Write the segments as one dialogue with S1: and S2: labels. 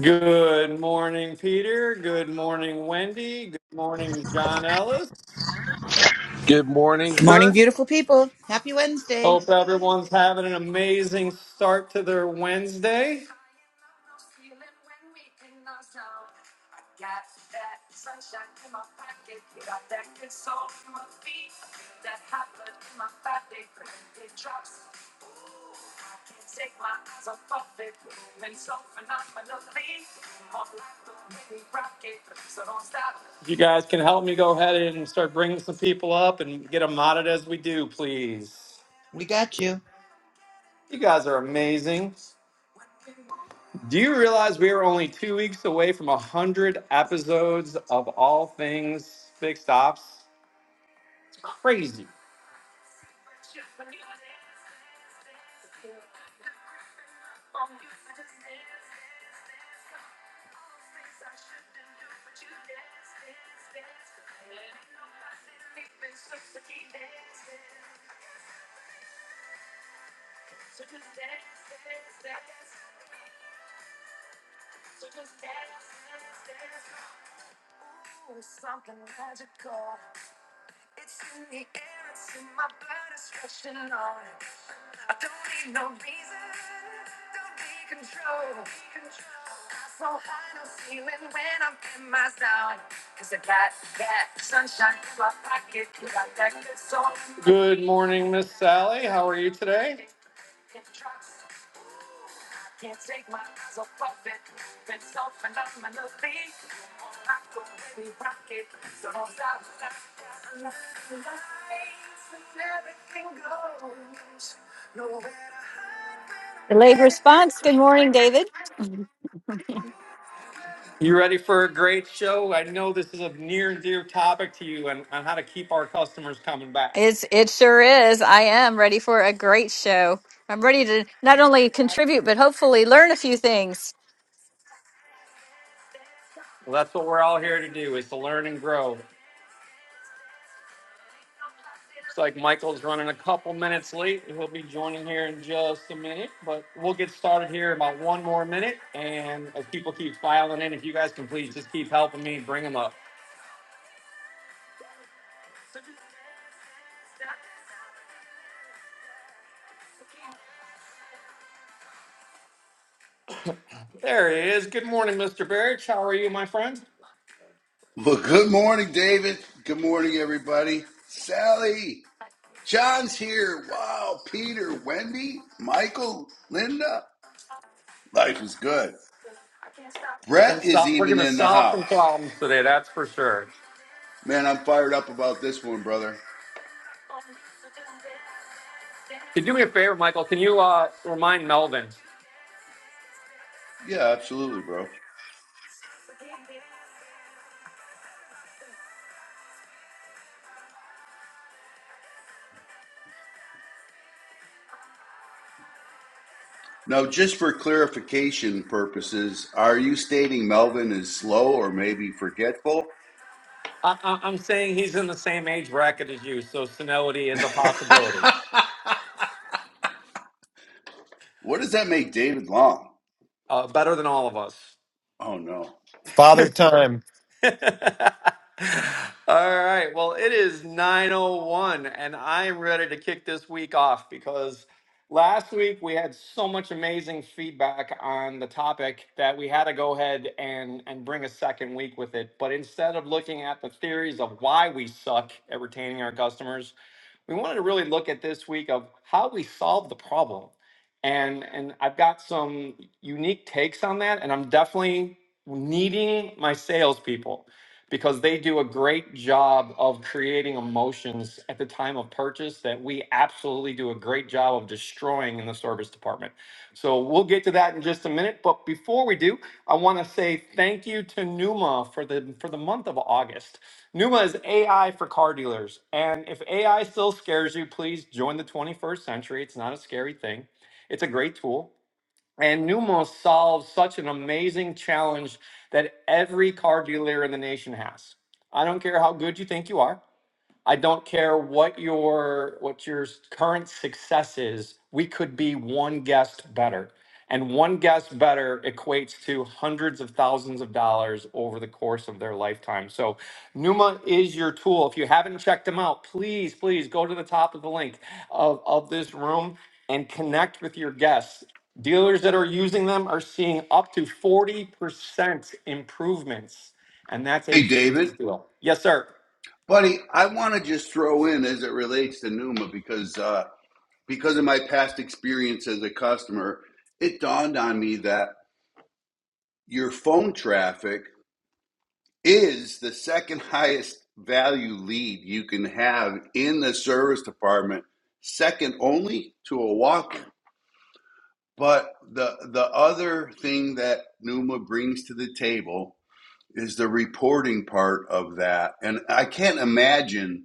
S1: Good morning, Peter. Good morning, Wendy. Good morning, John Ellis.
S2: Good morning,
S3: Good morning,
S2: sir.
S3: beautiful people. Happy Wednesday.
S1: Hope everyone's having an amazing start to their Wednesday. If you guys can help me go ahead and start bringing some people up and get them modded as we do, please.
S3: We got you.
S1: You guys are amazing. Do you realize we are only two weeks away from 100 episodes of All Things Fixed Ops? It's crazy. I don't need no reason, don't be control. I'm so high, no ceiling when I'm in my zone. 'Cause I got that sunshine in my pocket, got that good soul. Good morning, Miss Sally. How are you today?
S4: Delayed response. Good morning, David.
S1: You ready for a great show? I know this is a near and dear topic to you and on how to keep our customers coming back.
S4: It's, it sure is. I am ready for a great show. I'm ready to not only contribute, but hopefully learn a few things.
S1: Well, that's what we're all here to do is to learn and grow. Looks like Michael's running a couple minutes late. He'll be joining here in just a minute, but we'll get started here in about one more minute. And as people keep filing in, if you guys can please just keep helping me bring them up. There he is. Good morning, Mr. Barrich. How are you, my friend?
S5: Well, good morning, David. Good morning, everybody. Sally, John's here. Wow, Peter, Wendy, Michael, Linda. Life is good.
S1: We're gonna
S5: Brett is
S1: stop. We're
S5: even
S1: gonna
S5: in the
S1: solve some
S5: house.
S1: problems today. That's for sure.
S5: Man, I'm fired up about this one, brother.
S1: Could you do me a favor, Michael? Can you uh, remind Melvin?
S5: Yeah, absolutely, bro. Now, just for clarification purposes, are you stating Melvin is slow or maybe forgetful?
S1: I, I, I'm saying he's in the same age bracket as you, so senility is a possibility.
S5: what does that make David Long?
S1: Uh, better than all of us.
S5: Oh, no.
S6: Father Time.
S1: All right. Well, it is 901 and I'm ready to kick this week off because last week we had so much amazing feedback on the topic that we had to go ahead and and bring a second week with it. But instead of looking at the theories of why we suck at retaining our customers, we wanted to really look at this week of how we solve the problem. And and I've got some unique takes on that and I'm definitely needing my salespeople because they do a great job of creating emotions at the time of purchase that we absolutely do a great job of destroying in the service department. So we'll get to that in just a minute, but before we do, I want to say thank you to Numa for the for the month of August. Numa is AI for car dealers, and if AI still scares you, please join the 21st century. It's not a scary thing. It's a great tool. And Numos solves such an amazing challenge that every car dealer in the nation has. I don't care how good you think you are. I don't care what your what your s- current success is. We could be one guest better. And one guest better equates to hundreds of thousands of dollars over the course of their lifetime. So Numa is your tool. If you haven't checked them out, please, please go to the top of the link of, of this room and connect with your guests. Dealers that are using them are seeing up to 40% improvements. And that's a
S5: Hey, David.
S1: huge deal. Yes, sir.
S5: Buddy, I want to just throw in as it relates to Numa because uh, because of my past experience as a customer, it dawned on me that your phone traffic is the second highest value lead you can have in the service department, second only to a walk. But the the other thing that Numa brings to the table is the reporting part of that, and I can't imagine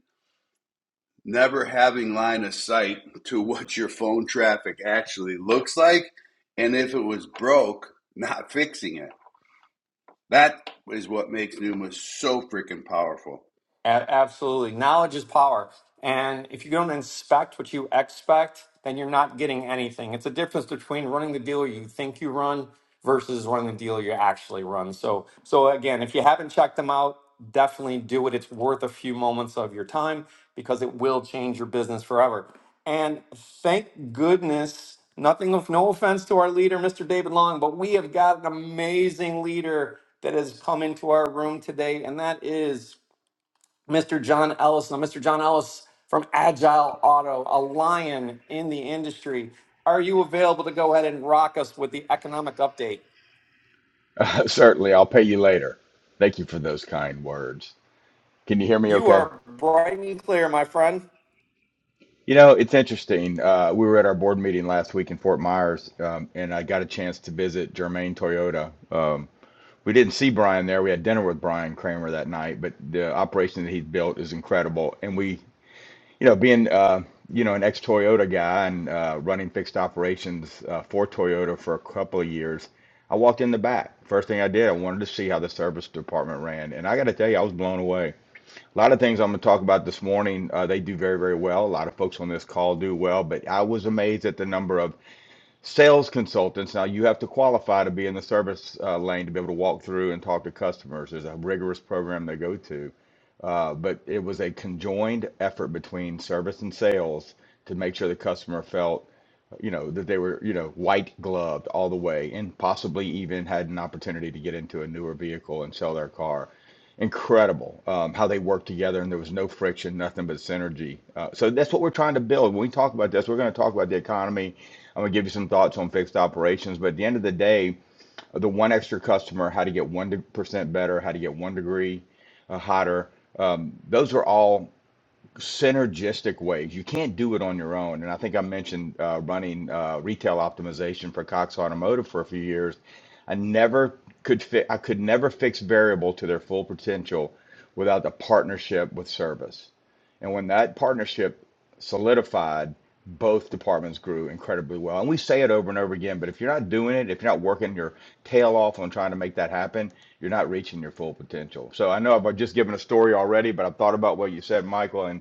S5: never having line of sight to what your phone traffic actually looks like and if it was broke not fixing it that is what makes numa so freaking powerful
S1: A- absolutely. Knowledge is power. And if you don't inspect what you expect, then you're not getting anything. It's a difference between running the dealer you think you run versus running the dealer you actually run. So, so again, if you haven't checked them out, definitely do it. It's worth a few moments of your time because it will change your business forever. And thank goodness, nothing of no offense to our leader, Mr. David Long, but we have got an amazing leader that has come into our room today, and that is Mr. John Ellis. Now, Mr. John Ellis from Agile Auto, a lion in the industry. Are you available to go ahead and rock us with the economic update?
S7: Uh, certainly, I'll pay you later. Thank you for those kind words. Can you hear me
S1: You
S7: okay?
S1: are bright and clear, my friend.
S7: You know, it's interesting. Uh, we were at our board meeting last week in Fort Myers, um, and I got a chance to visit Germain Toyota. Um, we didn't see Brian there. We had dinner with Brian Kramer that night, but the operation that he's built is incredible. And we You know, being uh, you know an ex-Toyota guy and uh, running fixed operations uh, for Toyota for a couple of years, I walked in the back. First thing I did, I wanted to see how the service department ran, and I got to tell you, I was blown away. A lot of things I'm going to talk about this morning, uh, they do very, very well. A lot of folks on this call do well, but I was amazed at the number of sales consultants. Now you have to qualify to be in the service uh, lane to be able to walk through and talk to customers. There's a rigorous program they go to. Uh, but it was a conjoined effort between service and sales to make sure the customer felt, you know, that they were, you know, white gloved all the way and possibly even had an opportunity to get into a newer vehicle and sell their car incredible um, how they worked together and there was no friction nothing but synergy uh, so that's what we're trying to build when we talk about this we're going to talk about the economy i'm going to give you some thoughts on fixed operations but at the end of the day the one extra customer how to get 1% better how to get 1 degree uh, hotter um, those are all synergistic ways. You can't do it on your own. And I think I mentioned uh, running uh, retail optimization for Cox Automotive for a few years. I never could fi- I could never fix variable to their full potential without the partnership with service. And when that partnership solidified, both departments grew incredibly well. And we say it over and over again, but if you're not doing it, if you're not working your tail off on trying to make that happen, you're not reaching your full potential. So I know I've just given a story already, but I've thought about what you said, Michael, and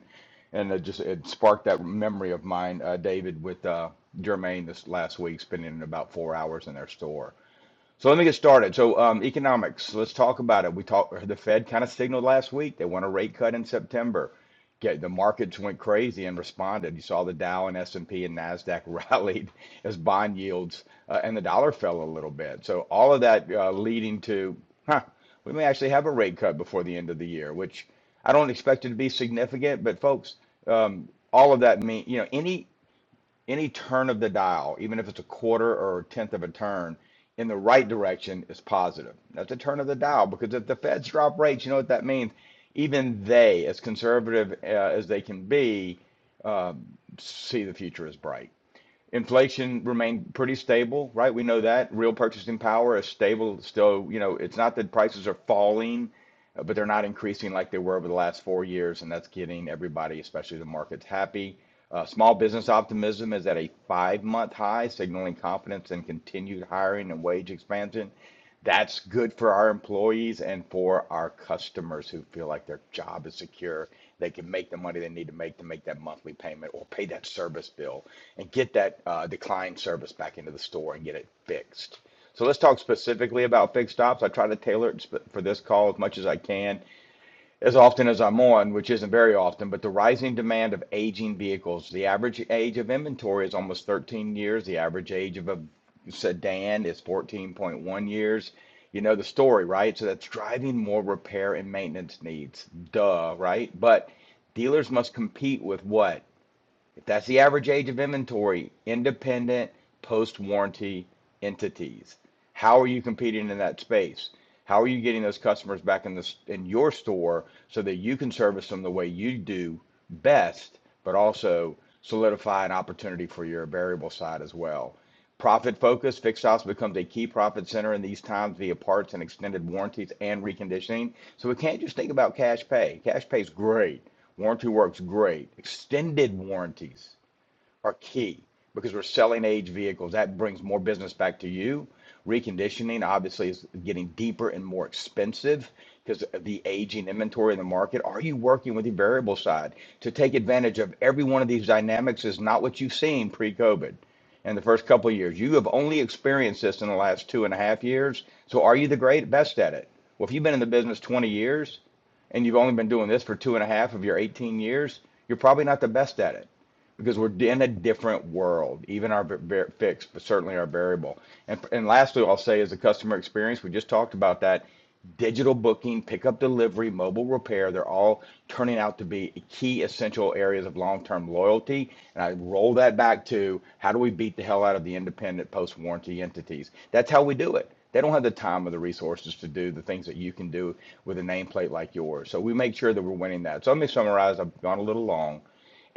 S7: and it just it sparked that memory of mine, uh, David, with uh, Jermaine this last week, spending about four hours in their store so let me get started. So um, economics, let's talk about it. We talked. The Fed kind of signaled last week they want a rate cut in September. Get the markets went crazy and responded. You saw the Dow and S and P and Nasdaq rallied as bond yields uh, and the dollar fell a little bit. So all of that uh, leading to, huh, we may actually have a rate cut before the end of the year, which I don't expect it to be significant. But folks, um, all of that mean you know any any turn of the dial, even if it's a quarter or a tenth of a turn in the right direction, is positive. That's a turn of the dial because if the Feds drop rates, you know what that means? Even they, as conservative uh, as they can be, uh, see the future as bright. Inflation remained pretty stable, right? We know that. Real purchasing power is stable. Still, you know, it's not that prices are falling, uh, but they're not increasing like they were over the last four years, and that's getting everybody, especially the markets, happy. Uh, small business optimism is at a five-month high, signaling confidence in continued hiring and wage expansion. That's good for our employees and for our customers who feel like their job is secure. They can make the money they need to make to make that monthly payment or pay that service bill and get that uh, declined service back into the store and get it fixed. So let's talk specifically about fixed ops. I try to tailor it for this call as much as I can as often as I'm on, which isn't very often, but the rising demand of aging vehicles. The average age of inventory is almost 13 years. The average age of a sedan is 14.1 years. You know the story, right? So that's driving more repair and maintenance needs. Duh, right? But dealers must compete with what? If that's the average age of inventory, independent post warranty entities, how are you competing in that space? How are you getting those customers back in this in your store so that you can service them the way you do best, but also solidify an opportunity for your variable side as well? Profit focus, fixed ops becomes a key profit center in these times via parts and extended warranties and reconditioning. So we can't just think about cash pay. Cash pay is great Warranty works great. Extended warranties are key because we're selling age vehicles. That brings more business back to you. Reconditioning obviously is getting deeper and more expensive because of the aging inventory in the market. Are you working with the variable side to take advantage of every one of these dynamics? Is not what you've seen pre-COVID in the first couple of years. You have only experienced this in the last two and a half years. So are you the great best at it? Well, if you've been in the business 20 years and you've only been doing this for two and a half of your 18 years, you're probably not the best at it because we're in a different world. Even our va- fixed, but certainly our variable. And and lastly, I'll say is the customer experience. We just talked about that. Digital booking, pickup delivery, mobile repair, they're all turning out to be key essential areas of long term loyalty. And I roll that back to how do we beat the hell out of the independent post warranty entities? That's how we do it. They don't have the time or the resources to do the things that you can do with a nameplate like yours. So we make sure that we're winning that. So let me summarize. I've gone a little long,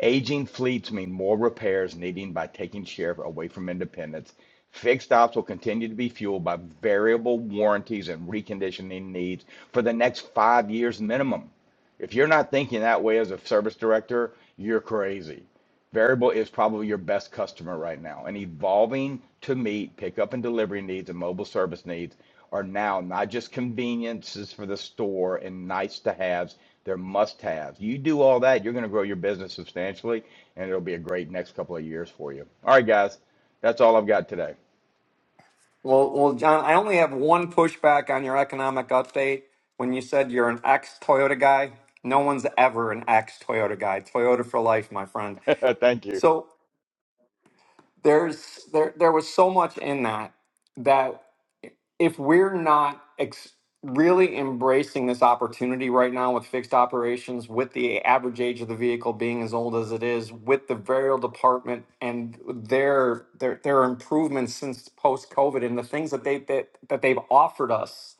S7: Aging fleets mean more repairs needing by taking share away from independents. Fixed ops will continue to be fueled by variable warranties and reconditioning needs for the next five years minimum. If you're not thinking that way as a service director, you're crazy. Variable is probably your best customer right now, and evolving to meet pickup and delivery needs and mobile service needs are now not just conveniences for the store and nice to haves, they're must haves. You do all that, you're going to grow your business substantially, and it'll be a great next couple of years for you. All right, guys, that's all I've got today.
S1: Well, well, John, I only have one pushback on your economic update. When you said you're an ex Toyota guy, no one's ever an ex Toyota guy. Toyota for life, my friend.
S7: Thank you.
S1: So there's there there was so much in that that if we're not ex- really embracing this opportunity right now with fixed operations, with the average age of the vehicle being as old as it is, with the burial department and their their their improvements since post COVID and the things that they that, that they've offered us,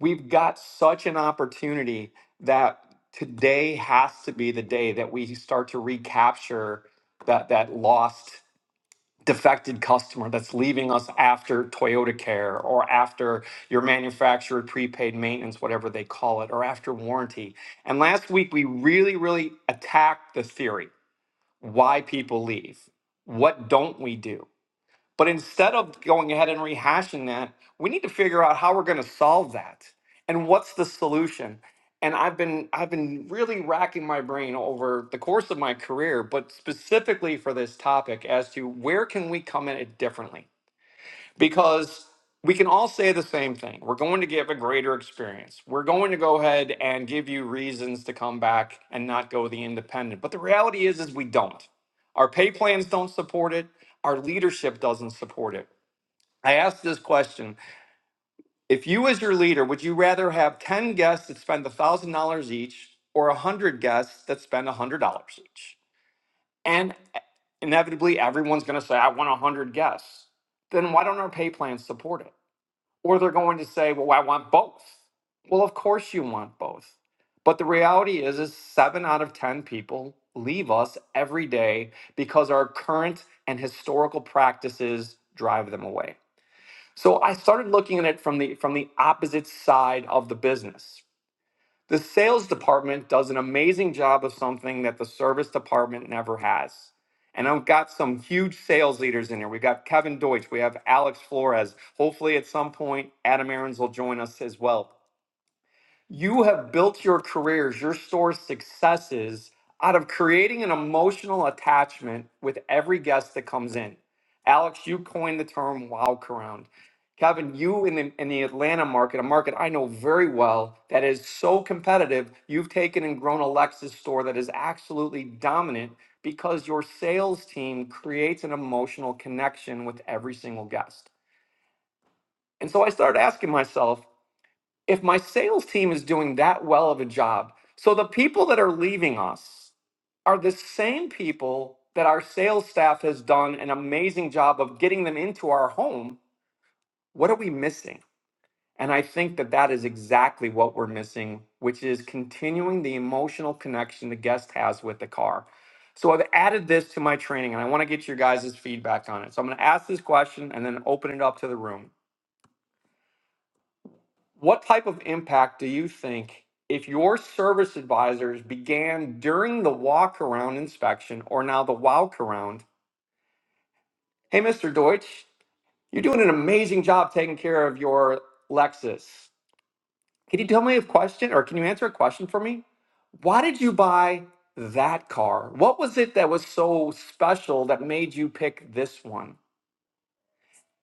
S1: we've got such an opportunity that today has to be the day that we start to recapture that that lost defected customer that's leaving us after Toyota Care or after your manufacturer prepaid maintenance, whatever they call it, or after warranty. And last week, we really, really attacked the theory why people leave. What don't we do? But instead of going ahead and rehashing that, we need to figure out how we're going to solve that and what's the solution. And I've been I've been really racking my brain over the course of my career, but specifically for this topic as to where can we come at it differently because we can all say the same thing. We're going to give a greater experience. We're going to go ahead and give you reasons to come back and not go the independent. But the reality is is we don't. Our pay plans don't support it. Our leadership doesn't support it. I asked this question. If you as your leader, would you rather have 10 guests that spend $1,000 each or 100 guests that spend $100 each? And inevitably everyone's going to say I want 100 guests. Then why don't our pay plans support it? Or they're going to say, well, I want both. Well, of course you want both. But the reality is, is seven out of 10 people leave us every day because our current and historical practices drive them away. So I started looking at it from the from the opposite side of the business, the sales department does an amazing job of something that the service department never has. And I've got some huge sales leaders in here. We've got Kevin Deutsch, we have Alex Flores. Hopefully, at some point, Adam Aarons will join us as well. You have built your careers, your store's successes out of creating an emotional attachment with every guest that comes in. Alex, you coined the term wow around. Kevin, you in the, in the Atlanta market, a market I know very well that is so competitive, you've taken and grown a Lexus store that is absolutely dominant because your sales team creates an emotional connection with every single guest. And so I started asking myself, if my sales team is doing that well of a job, so the people that are leaving us are the same people that our sales staff has done an amazing job of getting them into our home, what are we missing? And I think that that is exactly what we're missing, which is continuing the emotional connection the guest has with the car. So I've added this to my training and I want to get your guys' feedback on it. So I'm going to ask this question and then open it up to the room. What type of impact do you think if your service advisors began during the walk around inspection or now the walk around? Hey, Mr. Deutsch, you're doing an amazing job taking care of your Lexus. Can you tell me a question or can you answer a question for me? Why did you buy that car? What was it that was so special that made you pick this one?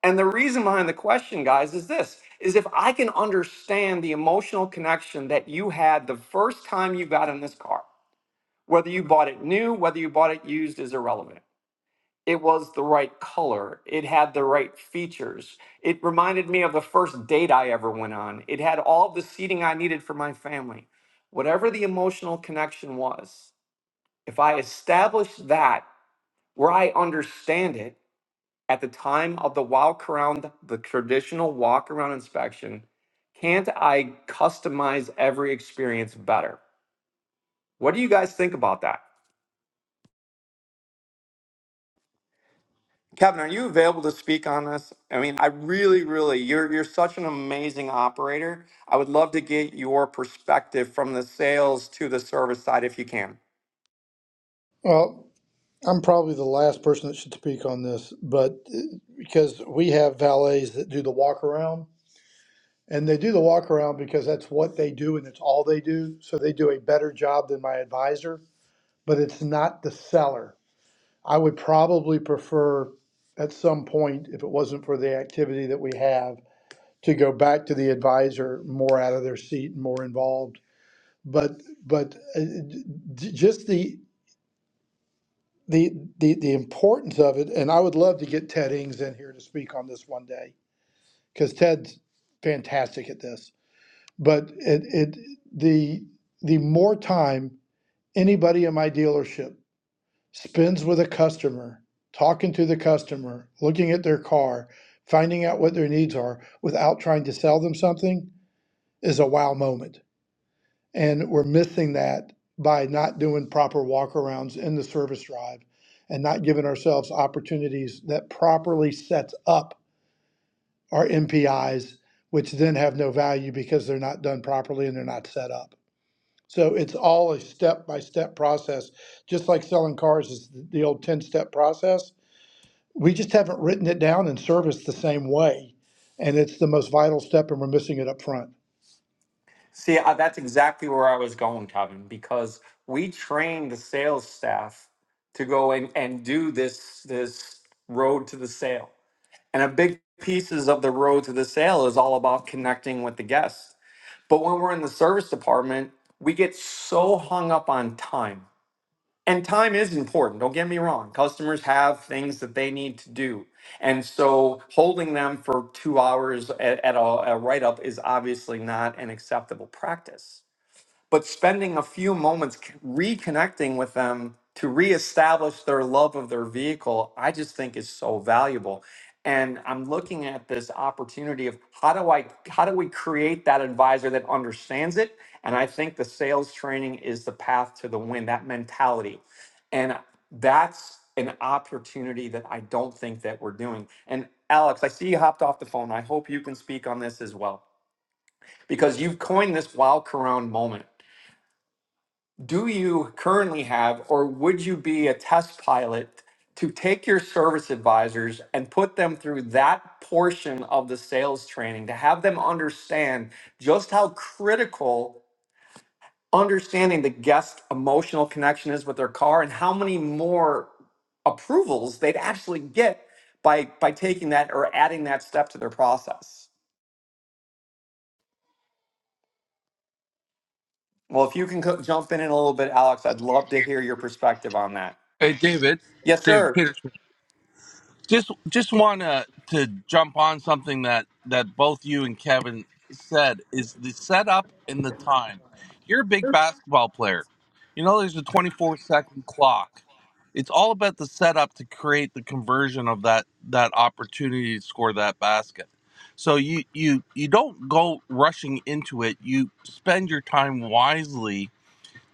S1: And the reason behind the question, guys, is this is if I can understand the emotional connection that you had the first time you got in this car, whether you bought it new, whether you bought it used is irrelevant. It was the right color. It had the right features. It reminded me of the first date I ever went on. It had all the seating I needed for my family. Whatever the emotional connection was, if I establish that where I understand it, at the time of the walk around, the traditional walk around inspection, can't I customize every experience better? What do you guys think about that? Kevin, are you available to speak on this? I mean, I really, really, you're you're such an amazing operator. I would love to get your perspective from the sales to the service side if you can.
S8: Well, I'm probably the last person that should speak on this, but uh, because we have valets that do the walk around, and they do the walk around because that's what they do and it's all they do. So they do a better job than my advisor, but it's not the seller. I would probably prefer at some point, if it wasn't for the activity that we have, to go back to the advisor more out of their seat and more involved. But but uh, d- d- just the the the the importance of it and i would love to get ted ings in here to speak on this one day because ted's fantastic at this but it it the the more time anybody in my dealership spends with a customer talking to the customer looking at their car finding out what their needs are without trying to sell them something is a wow moment and we're missing that by not doing proper walkarounds in the service drive and not giving ourselves opportunities that properly sets up our MPIs, which then have no value because they're not done properly and they're not set up. So it's all a step by step process. Just like selling cars is the old 10 step process. We just haven't written it down in service the same way. And it's the most vital step, and we're missing it up front.
S1: See, uh, that's exactly where I was going, Kevin, because we train the sales staff to go and and do this this road to the sale. And a big pieces of the road to the sale is all about connecting with the guests. But when we're in the service department, we get so hung up on time. And time is important, don't get me wrong. Customers have things that they need to do. And so holding them for two hours at, at a, a write up is obviously not an acceptable practice but spending a few moments c- reconnecting with them to reestablish their love of their vehicle, I just think is so valuable. And I'm looking at this opportunity of how do I how do we create that advisor that understands it? And I think the sales training is the path to the win, that mentality. And that's an opportunity that I don't think that we're doing. And Alex, I see you hopped off the phone. I hope you can speak on this as well because you've coined this wild Corona moment do you currently have, or would you be a test pilot to take your service advisors and put them through that portion of the sales training to have them understand just how critical understanding the guest emotional connection is with their car and how many more approvals they'd actually get by by taking that or adding that step to their process? Well, if you can co- jump in in a little bit, Alex, I'd love to hear your perspective on that.
S2: Hey, David.
S1: Yes,
S2: David
S1: sir.
S2: Peterson. Just just want to to jump on something that that both you and Kevin said is the setup and the time. You're a big basketball player. You know there's a 24 second clock. It's all about the setup to create the conversion of that that opportunity to score that basket. So you you you don't go rushing into it. You spend your time wisely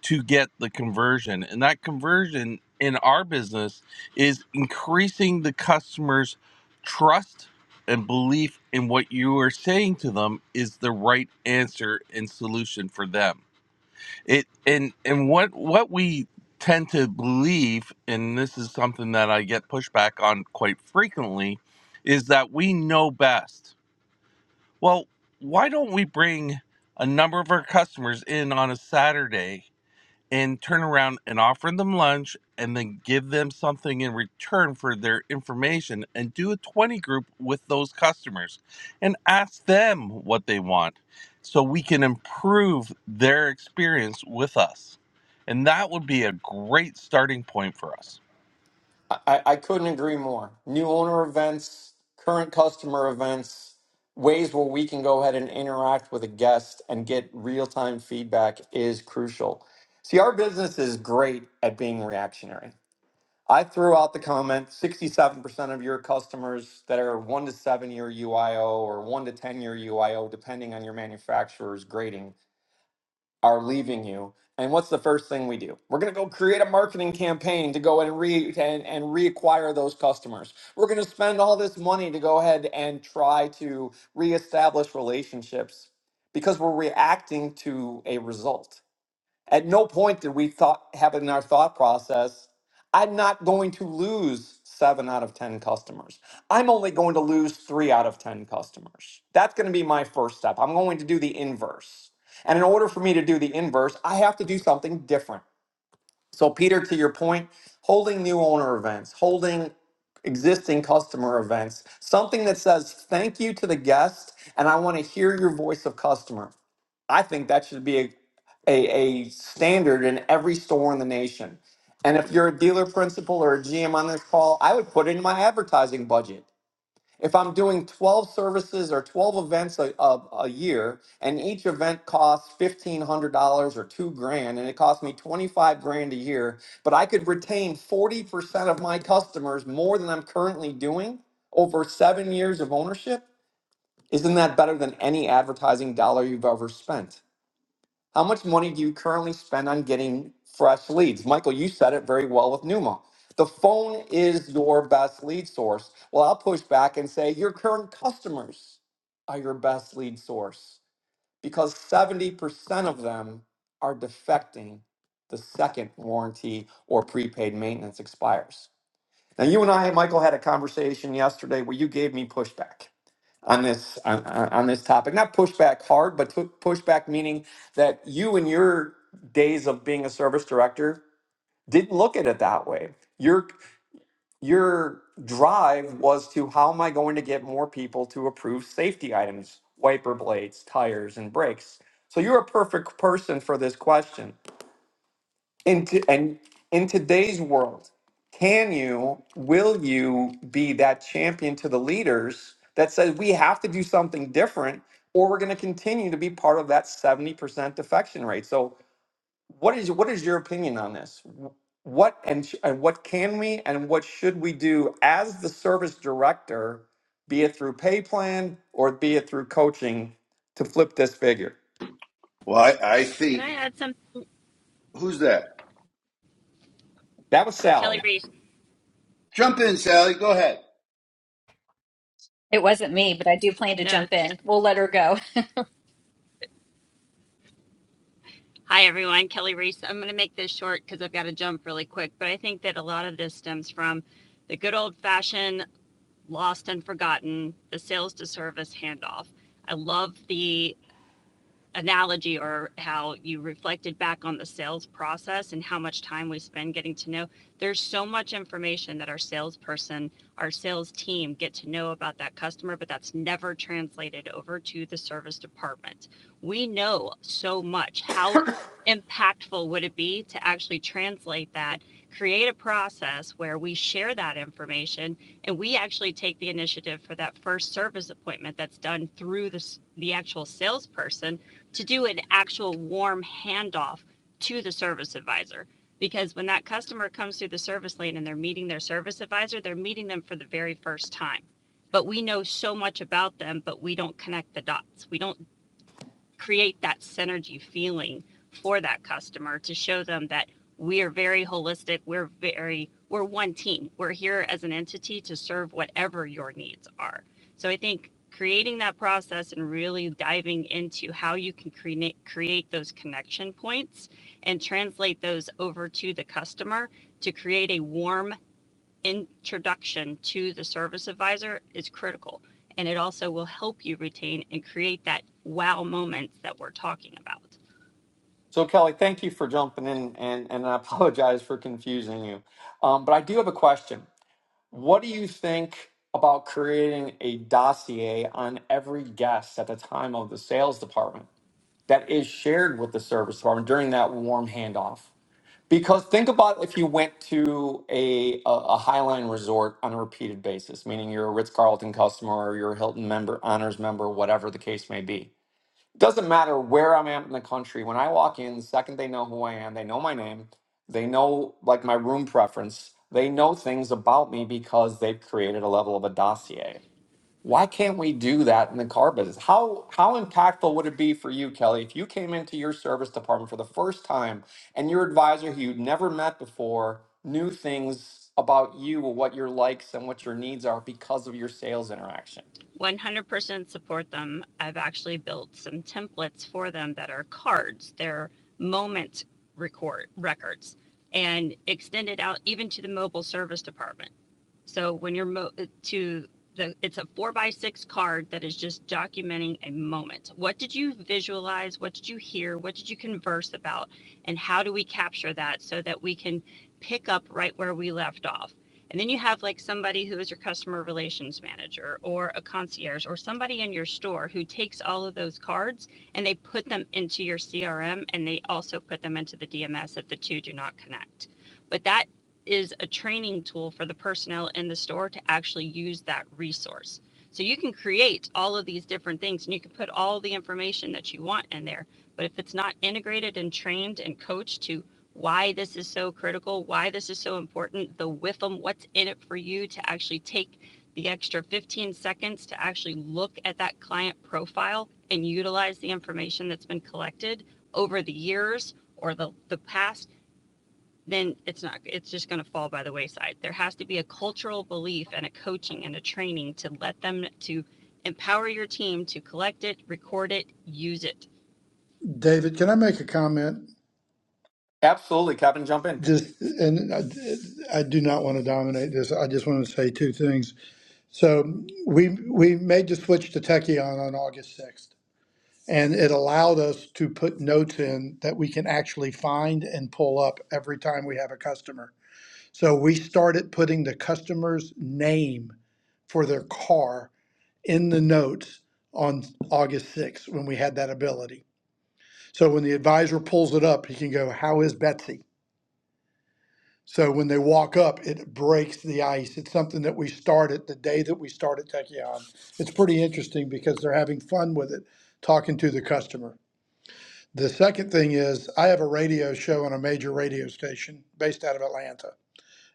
S2: to get the conversion. And that conversion in our business is increasing the customer's trust and belief in what you are saying to them is the right answer and solution for them. It and and what what we tend to believe and this is something that I get pushback on quite frequently is that we know best. Well, why don't we bring a number of our customers in on a Saturday and turn around and offer them lunch and then give them something in return for their information and do a 20 group with those customers and ask them what they want so we can improve their experience with us. And that would be a great starting point for us.
S1: I, I couldn't agree more. New owner events, current customer events, ways where we can go ahead and interact with a guest and get real time feedback is crucial. See, our business is great at being reactionary. I threw out the comment 67% of your customers that are one to seven year UIO or one to 10 year UIO, depending on your manufacturer's grading, are leaving you. And what's the first thing we do? We're going to go create a marketing campaign to go and re and, and reacquire those customers. We're going to spend all this money to go ahead and try to reestablish relationships because we're reacting to a result. At no point did we thought have it in our thought process, I'm not going to lose seven out of 10 customers. I'm only going to lose three out of 10 customers. That's going to be my first step. I'm going to do the inverse. And in order for me to do the inverse, I have to do something different. So, Peter, to your point, holding new owner events, holding existing customer events, something that says thank you to the guest, and I want to hear your voice of customer. I think that should be a, a, a standard in every store in the nation. And if you're a dealer principal or a GM on this call, I would put it in my advertising budget. If I'm doing 12 services or 12 events a, a, a year and each event costs $1,500 or two grand and it costs me 25 grand a year, but I could retain 40% of my customers more than I'm currently doing over seven years of ownership, isn't that better than any advertising dollar you've ever spent? How much money do you currently spend on getting fresh leads? Michael, you said it very well with Numa. The phone is your best lead source. Well, I'll push back and say your current customers are your best lead source because 70% of them are defecting the second warranty or prepaid maintenance expires. Now, you and I, Michael, had a conversation yesterday where you gave me pushback on this on, on on this topic not push back hard but to push back meaning that you in your days of being a service director didn't look at it that way your your drive was to how am i going to get more people to approve safety items wiper blades tires and brakes so you're a perfect person for this question in t- and in today's world can you will you be that champion to the leaders that says we have to do something different or we're going to continue to be part of that 70% defection rate so what is what is your opinion on this Wh- what and, sh- and what can we and what should we do as the service director be it through pay plan or be it through coaching to flip this figure
S5: well i, I
S9: Can
S5: think
S9: I add some?
S5: who's that
S1: that was
S9: Kelly
S1: sally
S9: Reese.
S5: jump in sally go ahead
S4: It wasn't me, but I do plan to
S9: No.
S4: jump in. We'll let her go.
S9: Hi, everyone. Kelly Reese. I'm going to make this short because I've got to jump really quick. But I think that a lot of this stems from the good old fashioned lost and forgotten, the sales to service handoff. I love the analogy or how you reflected back on the sales process and how much time we spend getting to know. There's so much information that our salesperson, our sales team get to know about that customer, but that's never translated over to the service department. We know so much. How impactful would it be to actually translate that? Create a process where we share that information and we actually take the initiative for that first service appointment that's done through the, the actual salesperson to do an actual warm handoff to the service advisor. Because when that customer comes through the service lane and they're meeting their service advisor, they're meeting them for the very first time. But we know so much about them, but we don't connect the dots. We don't create that synergy feeling for that customer to show them that we are very holistic we're very we're one team we're here as an entity to serve whatever your needs are so i think creating that process and really diving into how you can create create those connection points and translate those over to the customer to create a warm introduction to the service advisor is critical. And it also will help you retain and create that wow moments that we're talking about.
S1: So Kelly, thank you for jumping in, and and I apologize for confusing you. Um, but I do have a question. What do you think about creating a dossier on every guest at the time of the sales department that is shared with the service department during that warm handoff? Because think about if you went to a a, a Highline resort on a repeated basis, meaning you're a Ritz Carlton customer or you're a Hilton member, Honors member, whatever the case may be doesn't matter where I'm at in the country. When I walk in, the second they know who I am, they know my name, they know like my room preference, they know things about me because they've created a level of a dossier. Why can't we do that in the car business? How how impactful would it be for you, Kelly, if you came into your service department for the first time and your advisor who you'd never met before knew things about you, what your likes and what your needs are because of your sales interaction?
S9: 100% support them. I've actually built some templates for them that are cards, they're moment record records and extended out even to the mobile service department So when you're mo- uh, to the, it's a four by six card that is just documenting a moment. What did you visualize? What did you hear? What did you converse about? And how do we capture that so that we can pick up right where we left off? And then you have like somebody who is your customer relations manager or a concierge or somebody in your store who takes all of those cards and they put them into your CRM and they also put them into the DMS if the two do not connect. But that is a training tool for the personnel in the store to actually use that resource. So you can create all of these different things and you can put all the information that you want in there. But if it's not integrated and trained and coached to why this is so critical, why this is so important, the WIFM, what's in it for you to actually take the extra 15 seconds to actually look at that client profile and utilize the information that's been collected over the years or the, the past then it's not it's just going to fall by the wayside there has to be a cultural belief and a coaching and a training to let them to empower your team to collect it record it use it
S8: David, can I make a comment?
S1: Absolutely, Kevin, jump in.
S8: Just and I, I do not want to dominate this. I just want to say two things. So we we made the switch to Tekion on August sixth, and it allowed us to put notes in that we can actually find and pull up every time we have a customer. So we started putting the customer's name for their car in the notes on August 6th when we had that ability. So when the advisor pulls it up, he can go, How is Betsy? So when they walk up, it breaks the ice. It's something that we started the day that we started Tekion. It's pretty interesting because they're having fun with it, talking to the customer. The second thing is, I have a radio show on a major radio station based out of Atlanta,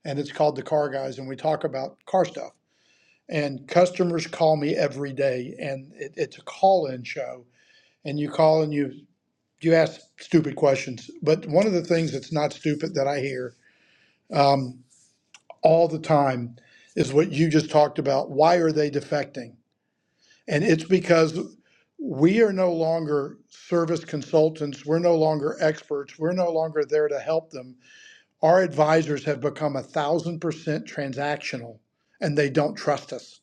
S8: and it's called The Car Guys, and we talk about car stuff. and customers call me every day and it, it's a call-in show and you call and you you ask stupid questions but one of the things that's not stupid that i hear um, all the time is what you just talked about why are they defecting and it's because we are no longer service consultants we're no longer experts we're no longer there to help them our advisors have become a thousand percent transactional and they don't trust us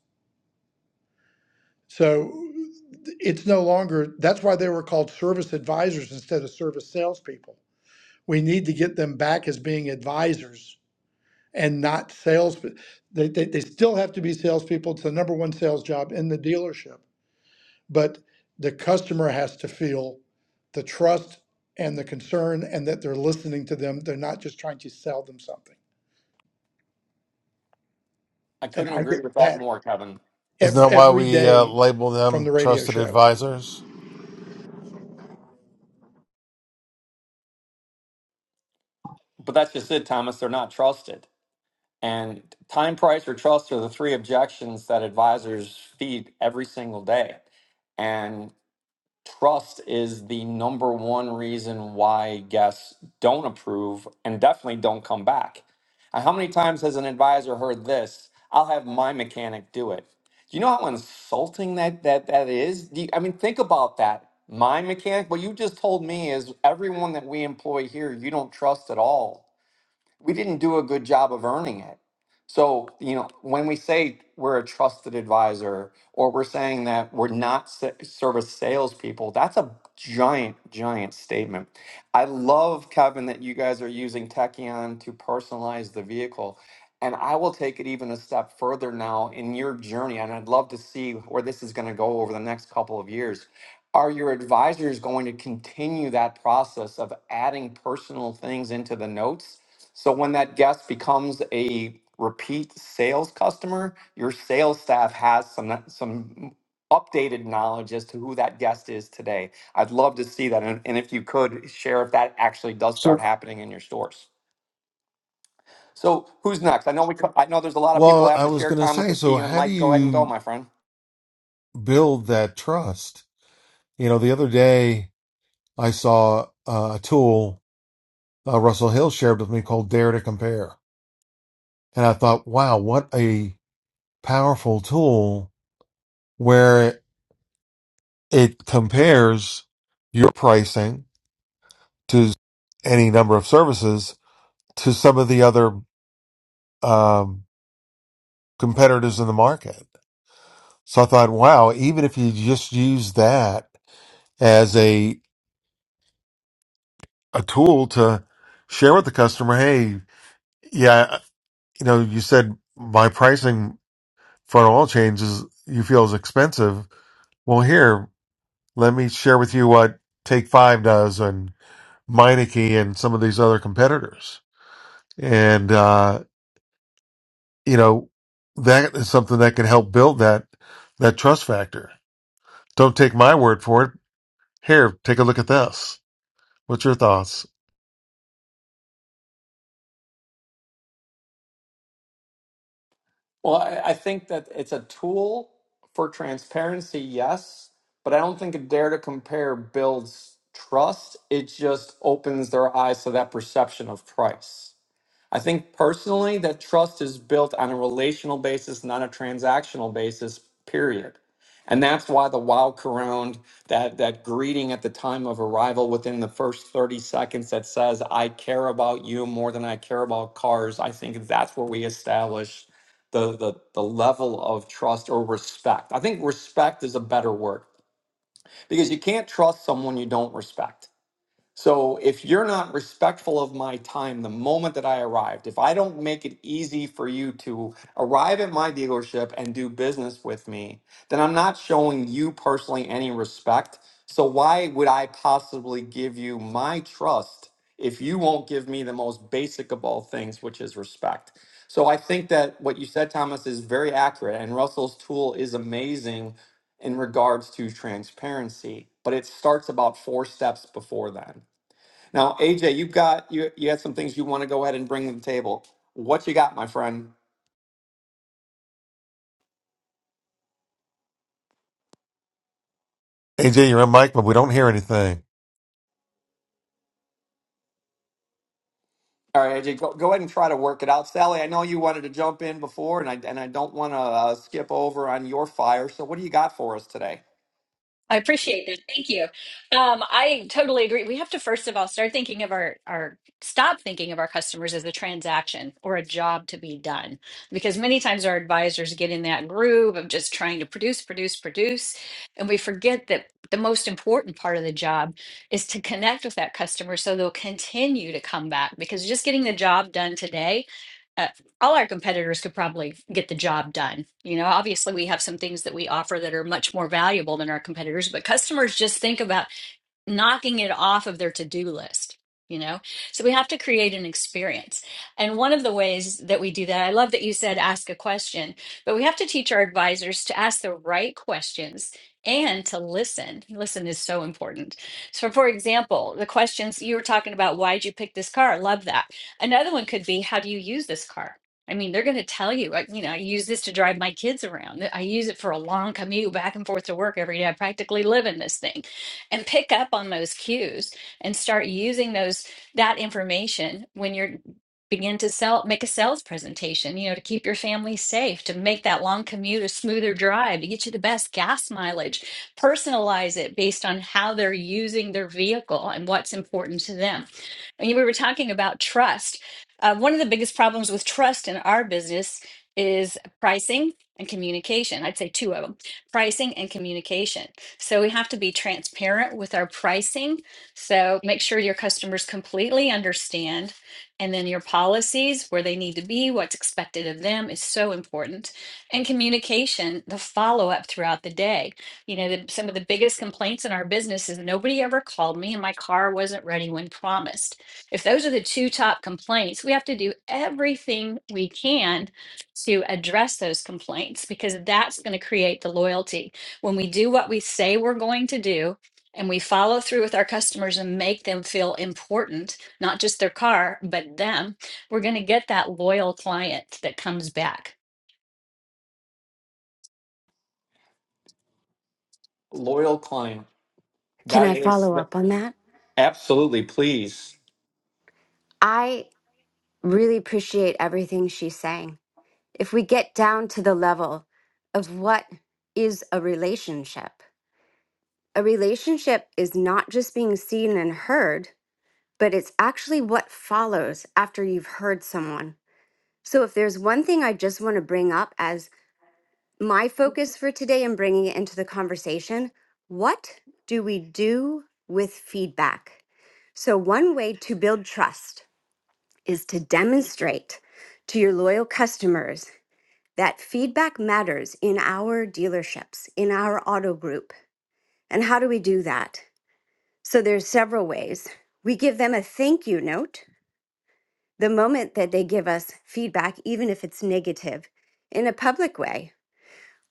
S8: So it's no longer, that's why they were called service advisors instead of service salespeople. We need to get them back as being advisors and not sales. They, they, they still have to be salespeople. It's the number one sales job in the dealership. But the customer has to feel the trust and the concern and that they're listening to them. They're not just trying to sell them something.
S1: I
S8: And
S1: couldn't
S8: I
S1: agree
S8: get
S1: with that
S8: that
S1: more, Kevin.
S10: Isn't
S8: every,
S10: that why
S8: every
S10: we uh,
S8: day
S10: label
S8: from
S10: them
S8: the radio
S10: trusted
S8: show.
S10: advisors?
S1: But that's just it, Thomas. They're not trusted. And time, price, or trust are the three objections that advisors feed every single day. And trust is the number one reason why guests don't approve and definitely don't come back. Uh, How many times has an advisor heard this? I'll have my mechanic do it. Do you know how insulting that that that is? Do you, I mean, think about that. My mechanic. What you just told me is everyone that we employ here, you don't trust at all we didn't do a good job of earning it. So, you know, when we say we're a trusted advisor or we're saying that we're not sa- service salespeople, that's a giant, giant statement. I love, Kevin, that you guys are using Techion to personalize the vehicle. And I will take it even a step further now in your journey. And I'd love to see where this is going to go over the next couple of years. Are your advisors going to continue that process of adding personal things into the notes? So when that guest becomes a repeat sales customer, your sales staff has some some updated knowledge as to who that guest is today. I'd love to see that, and, and if you could share if that actually does start
S10: So,
S1: happening in your stores. So who's next? I know we. co- I know there's a lot of people
S10: Well,
S1: I have
S10: I
S1: to
S10: was
S1: share.
S10: going to
S1: Thomas,
S10: say,
S1: I see
S10: so
S1: you and
S10: how do
S1: Mike. Go ahead and go,
S10: you
S1: my friend.
S10: build that trust? You know, the other day I saw uh, a tool uh, Russell Hill shared with me called Dare to Compare. And I thought, wow, what a powerful tool where it compares your pricing to any number of services to some of the other um, competitors in the market. So I thought, wow, even if you just use that as a a tool to share with the customer, hey, yeah, you know, you said my pricing for an oil change is you feel is expensive. Well, here, let me share with you what Take Five does and Meineke and some of these other competitors, and uh, you know, that is something that can help build that that trust factor. Don't take my word for it. Here, take a look at this. What's your thoughts?
S1: Well, I, I think that it's a tool for transparency, yes, but I don't think a dare to compare builds trust. It just opens their eyes to that perception of price. I think personally that trust is built on a relational basis, not a transactional basis, period. And that's why the wow around that that greeting at the time of arrival within the first 30 seconds that says, I care about you more than I care about cars, I think that's where we establish the the, the level of trust or respect. I think respect is a better word because you can't trust someone you don't respect so if you're not respectful of my time the moment that I arrived, if I don't make it easy for you to arrive at my dealership and do business with me, then I'm not showing you personally any respect. So why would I possibly give you my trust if you won't give me the most basic of all things, which is respect? So I think that what you said, Thomas, is very accurate, and Russell's tool is amazing in regards to transparency, but it starts about four steps before then. Now, AJ, you've got you you had some things you want to go ahead and bring to the table. What you got, my friend?
S10: AJ, you're on mic, but we don't hear anything.
S1: All right, AJ, go, go ahead and try to work it out. Sally, I know you wanted to jump in before, and I and I don't want to uh, skip over on your fire. So, what do you got for us today?
S4: I appreciate that. Thank you. Um, I totally agree. We have to first of all start thinking of our our stop thinking of our customers as a transaction or a job to be done, because many times our advisors get in that groove of just trying to produce, produce, produce, and we forget that the most important part of the job is to connect with that customer so they'll continue to come back. Because just getting the job done today uh, all our competitors could probably get the job done. You know, obviously we have some things that we offer that are much more valuable than our competitors, but customers just think about knocking it off of their to-do list you know so we have to create an experience and one of the ways that we do that i love that you said ask a question but we have to teach our advisors to ask the right questions and to listen listen is so important so for example the questions you were talking about why'd you pick this car i love that another one could be how do you use this car i mean they're going to tell you like, you know i use this to drive my kids around i use it for a long commute back and forth to work every day i practically live in this thing and pick up on those cues and start using those that information when you're begin to sell make a sales presentation you know to keep your family safe to make that long commute a smoother drive to get you the best gas mileage personalize it based on how they're using their vehicle and what's important to them I mean, we were talking about trust Uh, one of the biggest problems with trust in our business is pricing and communication i'd say two of them pricing and communication so we have to be transparent with our pricing. So make sure your customers completely understand. And then your policies, where they need to be, what's expected of them is so important. And communication, the follow up throughout the day. You know, the, some of the biggest complaints in our business is nobody ever called me and my car wasn't ready when promised. If those are the two top complaints, we have to do everything we can to address those complaints because that's going to create the loyalty when we do what we say we're going to do and we follow through with our customers and make them feel important, not just their car, but them, we're going to get that loyal client that comes back.
S1: Loyal client.
S11: Can I
S1: That is
S11: follow
S1: that-
S11: up on that?
S1: absolutely please.
S11: I really appreciate everything she's saying. If we get down to the level of what is a relationship, a relationship is not just being seen and heard, but it's actually what follows after you've heard someone. So if there's one thing I just want to bring up as my focus for today and bringing it into the conversation, what do we do with feedback? So, one way to build trust is to demonstrate to your loyal customers that feedback matters in our dealerships, in our auto group. And how do we do that? So there's several ways. We give them a thank you note the moment that they give us feedback, even if it's negative, in a public way.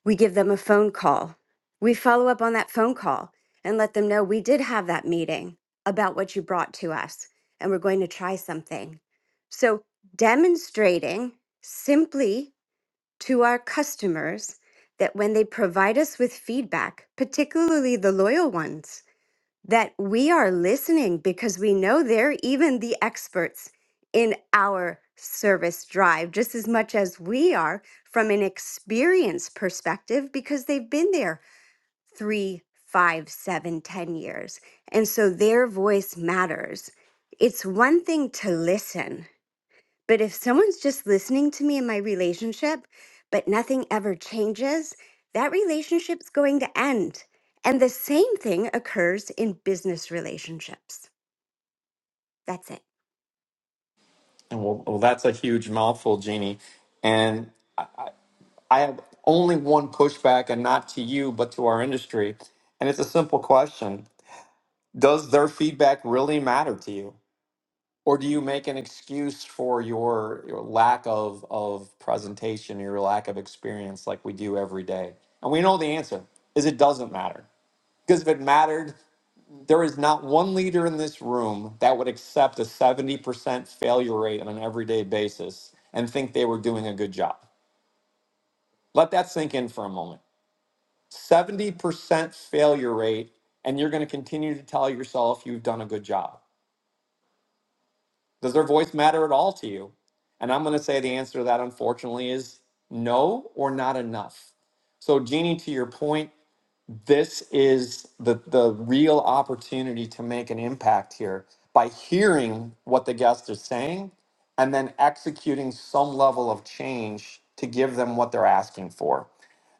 S11: We give them a phone call. We follow up on that phone call and let them know we did have that meeting about what you brought to us and we're going to try something. So, demonstrating simply to our customers that when they provide us with feedback, particularly the loyal ones, that we are listening because we know they're even the experts in our service drive, just as much as we are from an experience perspective, because they've been there three, five, seven, ten years. And so their voice matters. It's one thing to listen. But if someone's just listening to me in my relationship, but nothing ever changes, that relationship's going to end. And the same thing occurs in business relationships. That's it.
S1: And well, well, that's a huge mouthful, Jeannie. And I, I I have only one pushback, and not to you, but to our industry. And it's a simple question: Does their feedback really matter to you? Or do you make an excuse for your, your lack of, of presentation, your lack of experience like we do every day? And we know the answer is it doesn't matter. Because if it mattered, there is not one leader in this room that would accept a 70% failure rate on an everyday basis and think they were doing a good job. Let that sink in for a moment. 70% failure rate, and you're going to continue to tell yourself you've done a good job. Does their voice matter at all to you? And I'm going to say the answer to that, unfortunately, is no or not enough. So, Jeannie, to your point, this is the, the real opportunity to make an impact here by hearing what the guests are saying and then executing some level of change to give them what they're asking for.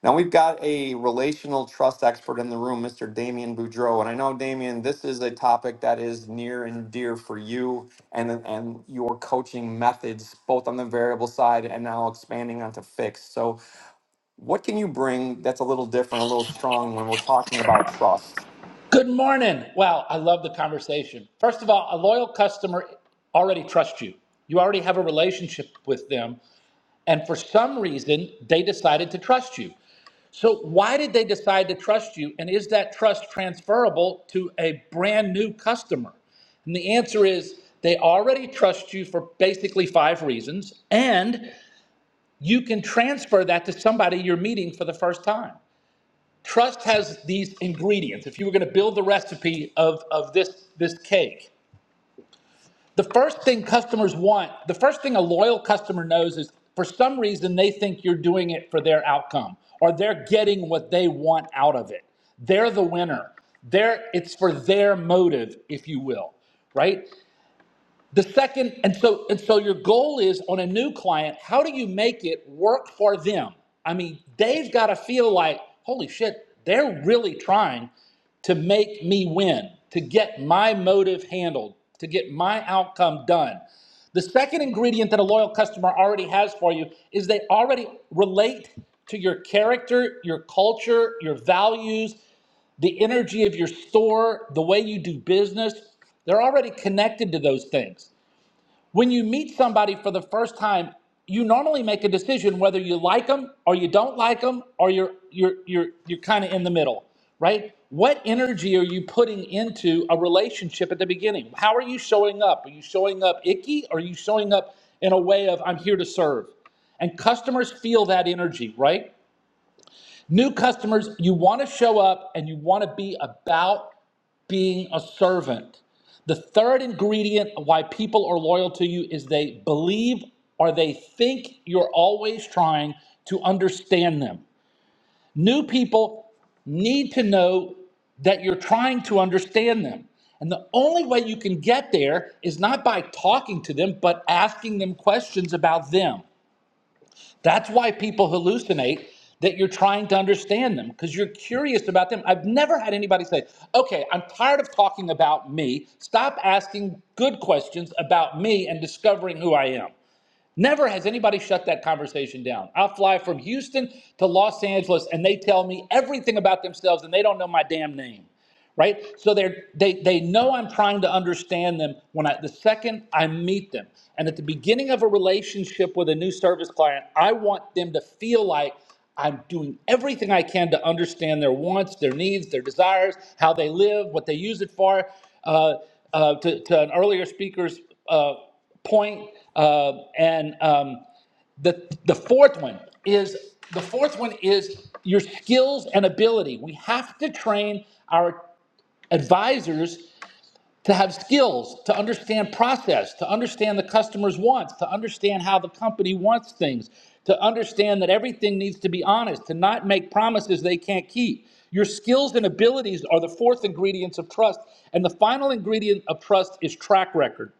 S1: Now we've got a relational trust expert in the room, Mr. Damien Boudreau. And I know, Damien, this is a topic that is near and dear for you and, and your coaching methods, both on the variable side and now expanding onto fixed. So, what can you bring that's a little different, a little strong when we're talking about trust?
S12: Good morning. Wow, I love the conversation. First of all, a loyal customer already trusts you. You already have a relationship with them, and for some reason, they decided to trust you. So, why did they decide to trust you? And is that trust transferable to a brand new customer? And the answer is they already trust you for basically five reasons, and you can transfer that to somebody you're meeting for the first time. Trust has these ingredients. If you were going to build the recipe of, of this, this cake, the first thing customers want, the first thing a loyal customer knows is for some reason they think you're doing it for their outcome or they're getting what they want out of it. They're the winner. They're, it's for their motive, if you will, right? The second, and so and so your goal is on a new client, how do you make it work for them? I mean, they've got to feel like, holy shit, they're really trying to make me win, to get my motive handled, to get my outcome done. The second ingredient that a loyal customer already has for you is they already relate to your character, your culture, your values, the energy of your store, the way you do business. They're already connected to those things. When you meet somebody for the first time, you normally make a decision whether you like them or you don't like them or you're you're you're you're kind of in the middle, right? What energy are you putting into a relationship at the beginning? How are you showing up? Are you showing up icky? Or are you showing up in a way of I'm here to serve? And customers feel that energy, right? New customers, you want to show up and you want to be about being a servant. The third ingredient of why people are loyal to you is they believe or they think you're always trying to understand them. New people need to know that you're trying to understand them. And the only way you can get there is not by talking to them, but asking them questions about them. That's why people hallucinate that you're trying to understand them because you're curious about them. I've never had anybody say, okay, I'm tired of talking about me. Stop asking good questions about me and discovering who I am. Never has anybody shut that conversation down. I'll fly from Houston to Los Angeles and they tell me everything about themselves and they don't know my damn name right? So they they they know I'm trying to understand them when I the second I meet them. And at the beginning of a relationship with a new service client, I want them to feel like I'm doing everything I can to understand their wants, their needs, their desires, how they live, what they use it for. Uh, uh, to, to an earlier speaker's uh, point, uh, and um, the the fourth one is the fourth one is your skills and ability. We have to train our advisors to have skills, to understand process, to understand the customer's wants, to understand how the company wants things, to understand that everything needs to be honest, to not make promises they can't keep. Your skills and abilities are the fourth ingredients of trust, and the final ingredient of trust is track record.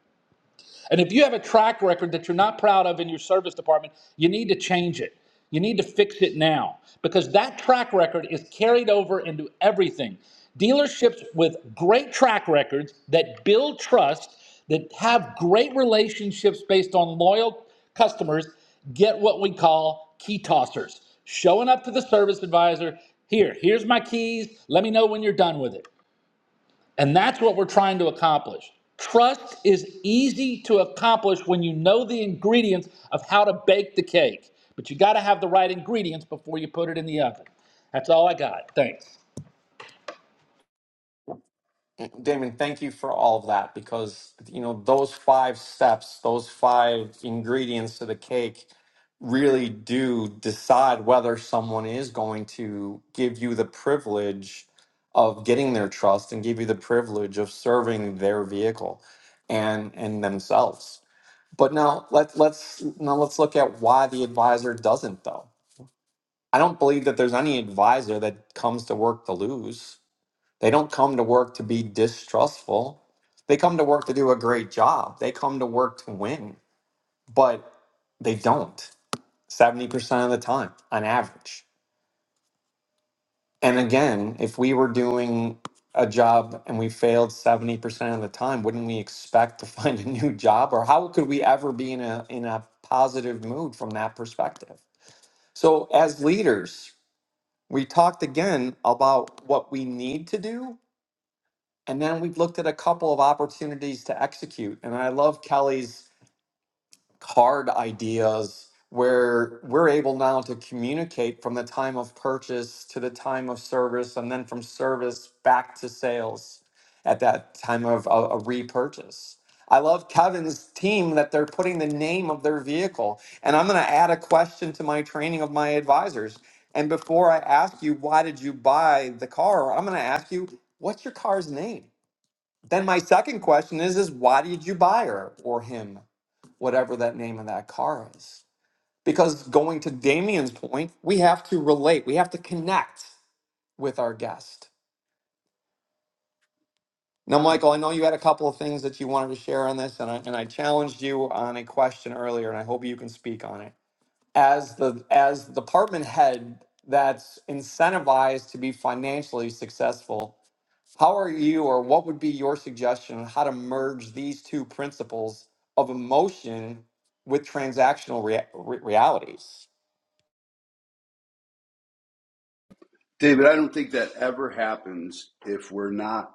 S12: And if you have a track record that you're not proud of in your service department, you need to change it. You need to fix it now because that track record is carried over into everything. Dealerships with great track records that build trust, that have great relationships based on loyal customers, get what we call key tossers. Showing up to the service advisor, here, here's my keys. Let me know when you're done with it. And that's what we're trying to accomplish. Trust is easy to accomplish when you know the ingredients of how to bake the cake, but you got to have the right ingredients before you put it in the oven. That's all I got. Thanks.
S1: Damon, thank you for all of that because you know those five steps, those five ingredients to the cake really do decide whether someone is going to give you the privilege of getting their trust and give you the privilege of serving their vehicle and and themselves. But now let let's now let's look at why the advisor doesn't though. I don't believe that there's any advisor that comes to work to lose. They don't come to work to be distrustful. They come to work to do a great job. They come to work to win, but they don't 70% of the time on average. And again, if we were doing a job and we failed 70% of the time, wouldn't we expect to find a new job or how could we ever be in a in a positive mood from that perspective? So as leaders, we talked again about what we need to do And then we've looked at a couple of opportunities to execute. And I love Kelly's card ideas where we're able now to communicate from the time of purchase to the time of service and then from service back to sales at that time of a, a repurchase. I love Kevin's team that they're putting the name of their vehicle. And I'm going to add a question to my training of my advisors. And before I ask you, why did you buy the car? I'm going to ask you, what's your car's name? Then my second question is is why did you buy her or him, whatever that name of that car is? Because going to Damien's point, we have to relate. We have to connect with our guest. Now, Michael, I know you had a couple of things that you wanted to share on this, and I, and I challenged you on a question earlier, and I hope you can speak on it. As the as the department head that's incentivized to be financially successful, How are you, or what would be your suggestion on how to merge these two principles of emotion with transactional rea- re- realities?
S5: david i don't think that ever happens if we're not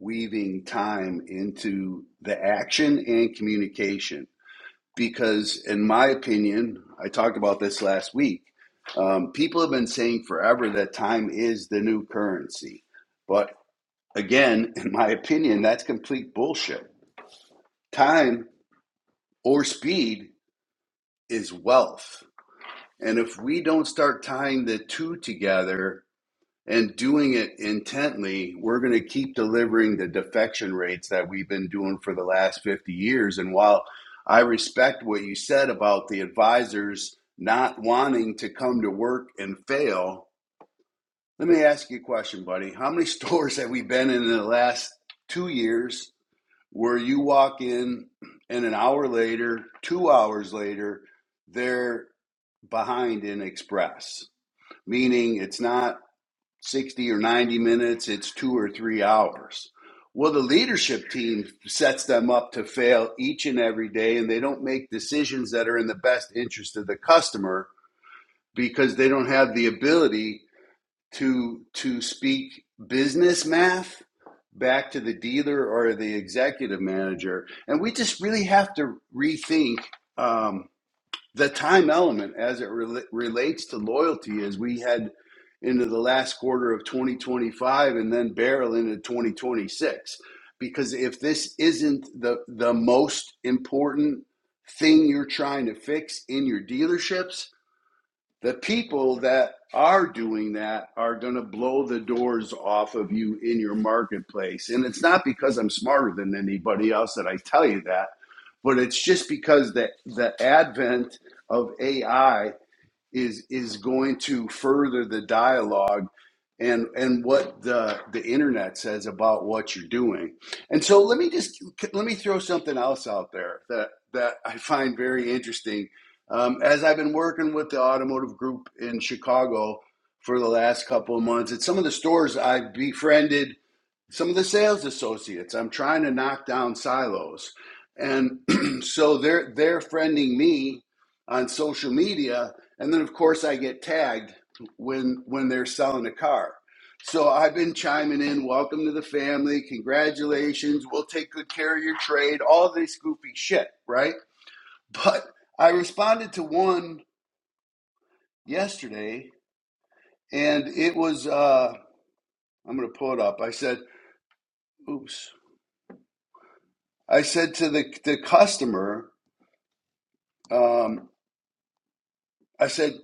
S5: weaving time into the action and communication because, in my opinion, I talked about this last week. Um, people have been saying forever that time is the new currency. But again, in my opinion, that's complete bullshit. Time or speed is wealth. And if we don't start tying the two together, and doing it intently, we're going to keep delivering the defection rates that we've been doing for the last 50 years. And while I respect what you said about the advisors not wanting to come to work and fail, let me ask you a question, buddy. How many stores have we been in, in the last two years where you walk in and an hour later, two hours later, they're behind in express? Meaning it's not 60 or 90 minutes, it's two or three hours. Well, the leadership team sets them up to fail each and every day, and they don't make decisions that are in the best interest of the customer because they don't have the ability to, to speak business math back to the dealer or the executive manager. And we just really have to rethink. Um, the time element as it rela- relates to loyalty as we head into the last quarter of 2025 and then barrel into 2026 because if this isn't the the most important thing you're trying to fix in your dealerships the people that are doing that are going to blow the doors off of you in your marketplace. And it's not because I'm smarter than anybody else that I tell you that, but it's just because the, the advent of AI is is going to further the dialogue and and what the the internet says about what you're doing. And so let me just let me throw something else out there that that I find very interesting. Um, as I've been working with the automotive group in Chicago for the last couple of months, at some of the stores I've befriended some of the sales associates. I'm trying to knock down silos. And so they're they're friending me on social media and then of course I get tagged when when they're selling a car. So I've been chiming in, welcome to the family, congratulations, we'll take good care of your trade, all this goofy shit, right? But I responded to one yesterday and it was uh I'm going to pull it up. I said, oops. I said to the the customer, Um, I said,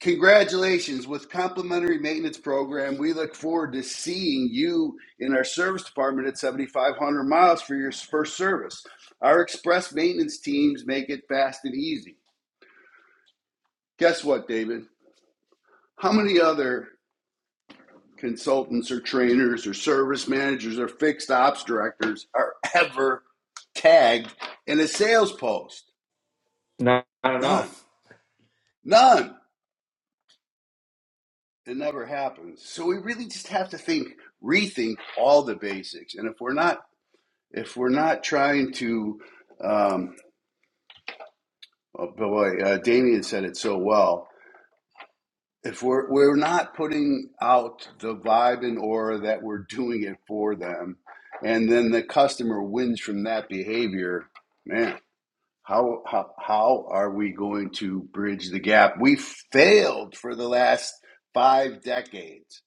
S5: Congratulations with complimentary maintenance program. We look forward to seeing you in our service department at 7,500 miles for your first service. Our express maintenance teams make it fast and easy. Guess what, David? How many other consultants or trainers or service managers or fixed ops directors are ever tagged in a sales post?
S1: Not, not
S5: None.
S1: enough.
S5: None. It never happens. So we really just have to think, rethink all the basics. And if we're not, if we're not trying to, um, oh boy, uh, Damien said it so well. If we're we're not putting out the vibe and aura that we're doing it for them, and then the customer wins from that behavior, man. How, how, how are we going to bridge the gap? We failed for the last five decades.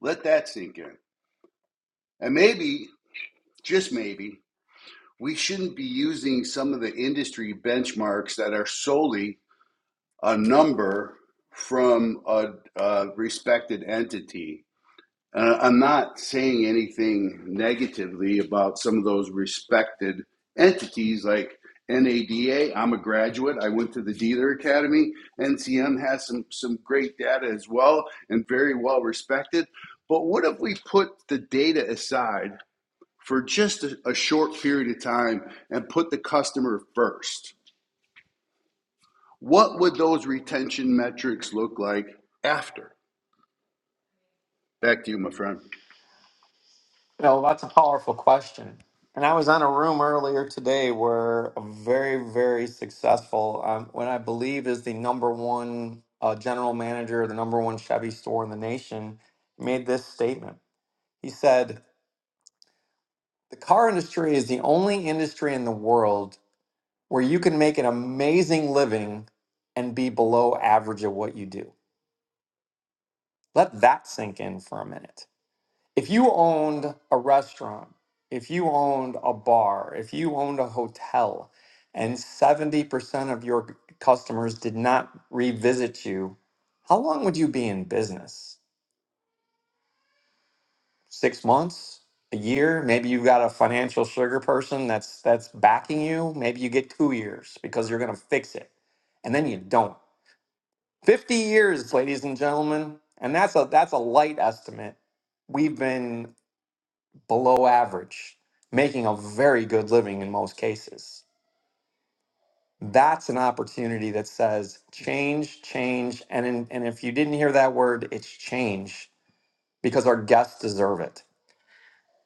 S5: Let that sink in. And maybe just maybe, we shouldn't be using some of the industry benchmarks that are solely a number from a, a respected entity. Uh, I'm not saying anything negatively about some of those respected entities like NADA. I'm a graduate. I went to the Dealer Academy. NCM has some, some great data as well and very well respected. But what if we put the data aside for just a, a short period of time and put the customer first, what would those retention metrics look like after? Back to you, my friend.
S1: You know, that's a powerful question. And I was on a room earlier today where a very, very successful, um, what I believe is the number one uh, general manager, of the number one Chevy store in the nation, made this statement. He said, The car industry is the only industry in the world where you can make an amazing living and be below average at what you do. Let that sink in for a minute. If you owned a restaurant, if you owned a bar, if you owned a hotel, and 70% of your customers did not revisit you, how long would you be in business? Six months? A year? Maybe you've got a financial sugar person that's that's backing you. Maybe you get two years because you're gonna fix it. And then you don't 50 years, ladies and gentlemen, and that's a that's a light estimate. We've been below average, making a very good living in most cases. That's an opportunity that says change, change, and in, and if you didn't hear that word, it's change because our guests deserve it.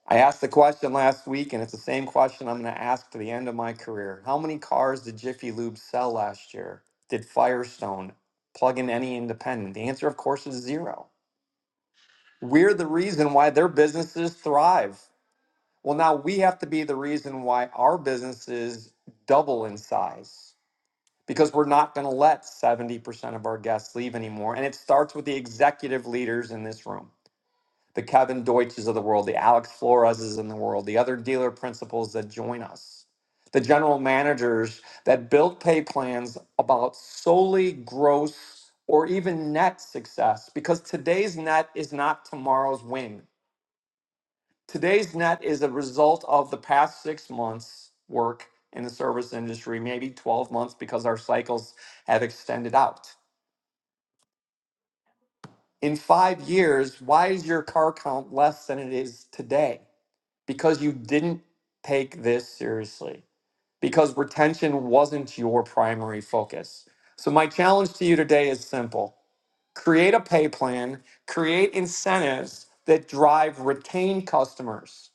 S1: I asked the question last week, and it's the same question I'm going to ask to the end of my career. How many cars did Jiffy Lube sell last year? Did Firestone plug in any independent? The answer, of course, is zero. We're the reason why their businesses thrive. Well, now we have to be the reason why our businesses double in size because we're not going to let 70% of our guests leave anymore. And it starts with the executive leaders in this room the Kevin Deutsches of the world, the Alex Floreses in the world, the other dealer principals that join us, the general managers that build pay plans about solely gross or even net success because today's net is not tomorrow's win. Today's net is a result of the past six months' work in the service industry, maybe 12 months because our cycles have extended out. In five years, why is your car count less than it is today? Because you didn't take this seriously, because retention wasn't your primary focus. So, my challenge to you today is simple create a pay plan, create incentives that drive retained customers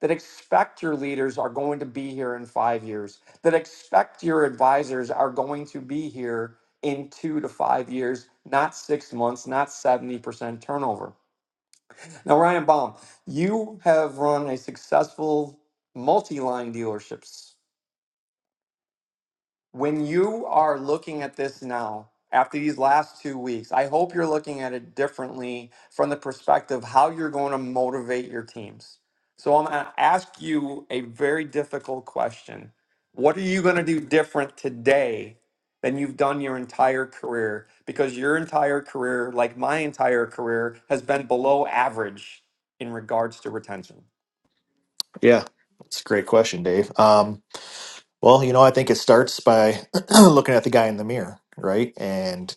S1: that expect your leaders are going to be here in five years, that expect your advisors are going to be here in two to five years, not six months, not 70% turnover. Now, Ryan Baum, you have run a successful multi line dealerships when you are looking at this now after these last two weeks i hope you're looking at it differently from the perspective how you're going to motivate your teams so i'm going to ask you a very difficult question what are you going to do different today than you've done your entire career because your entire career like my entire career has been below average in regards to retention
S13: Yeah, that's a great question, Dave. Um, well, you know, I think it starts by looking at the guy in the mirror, right? And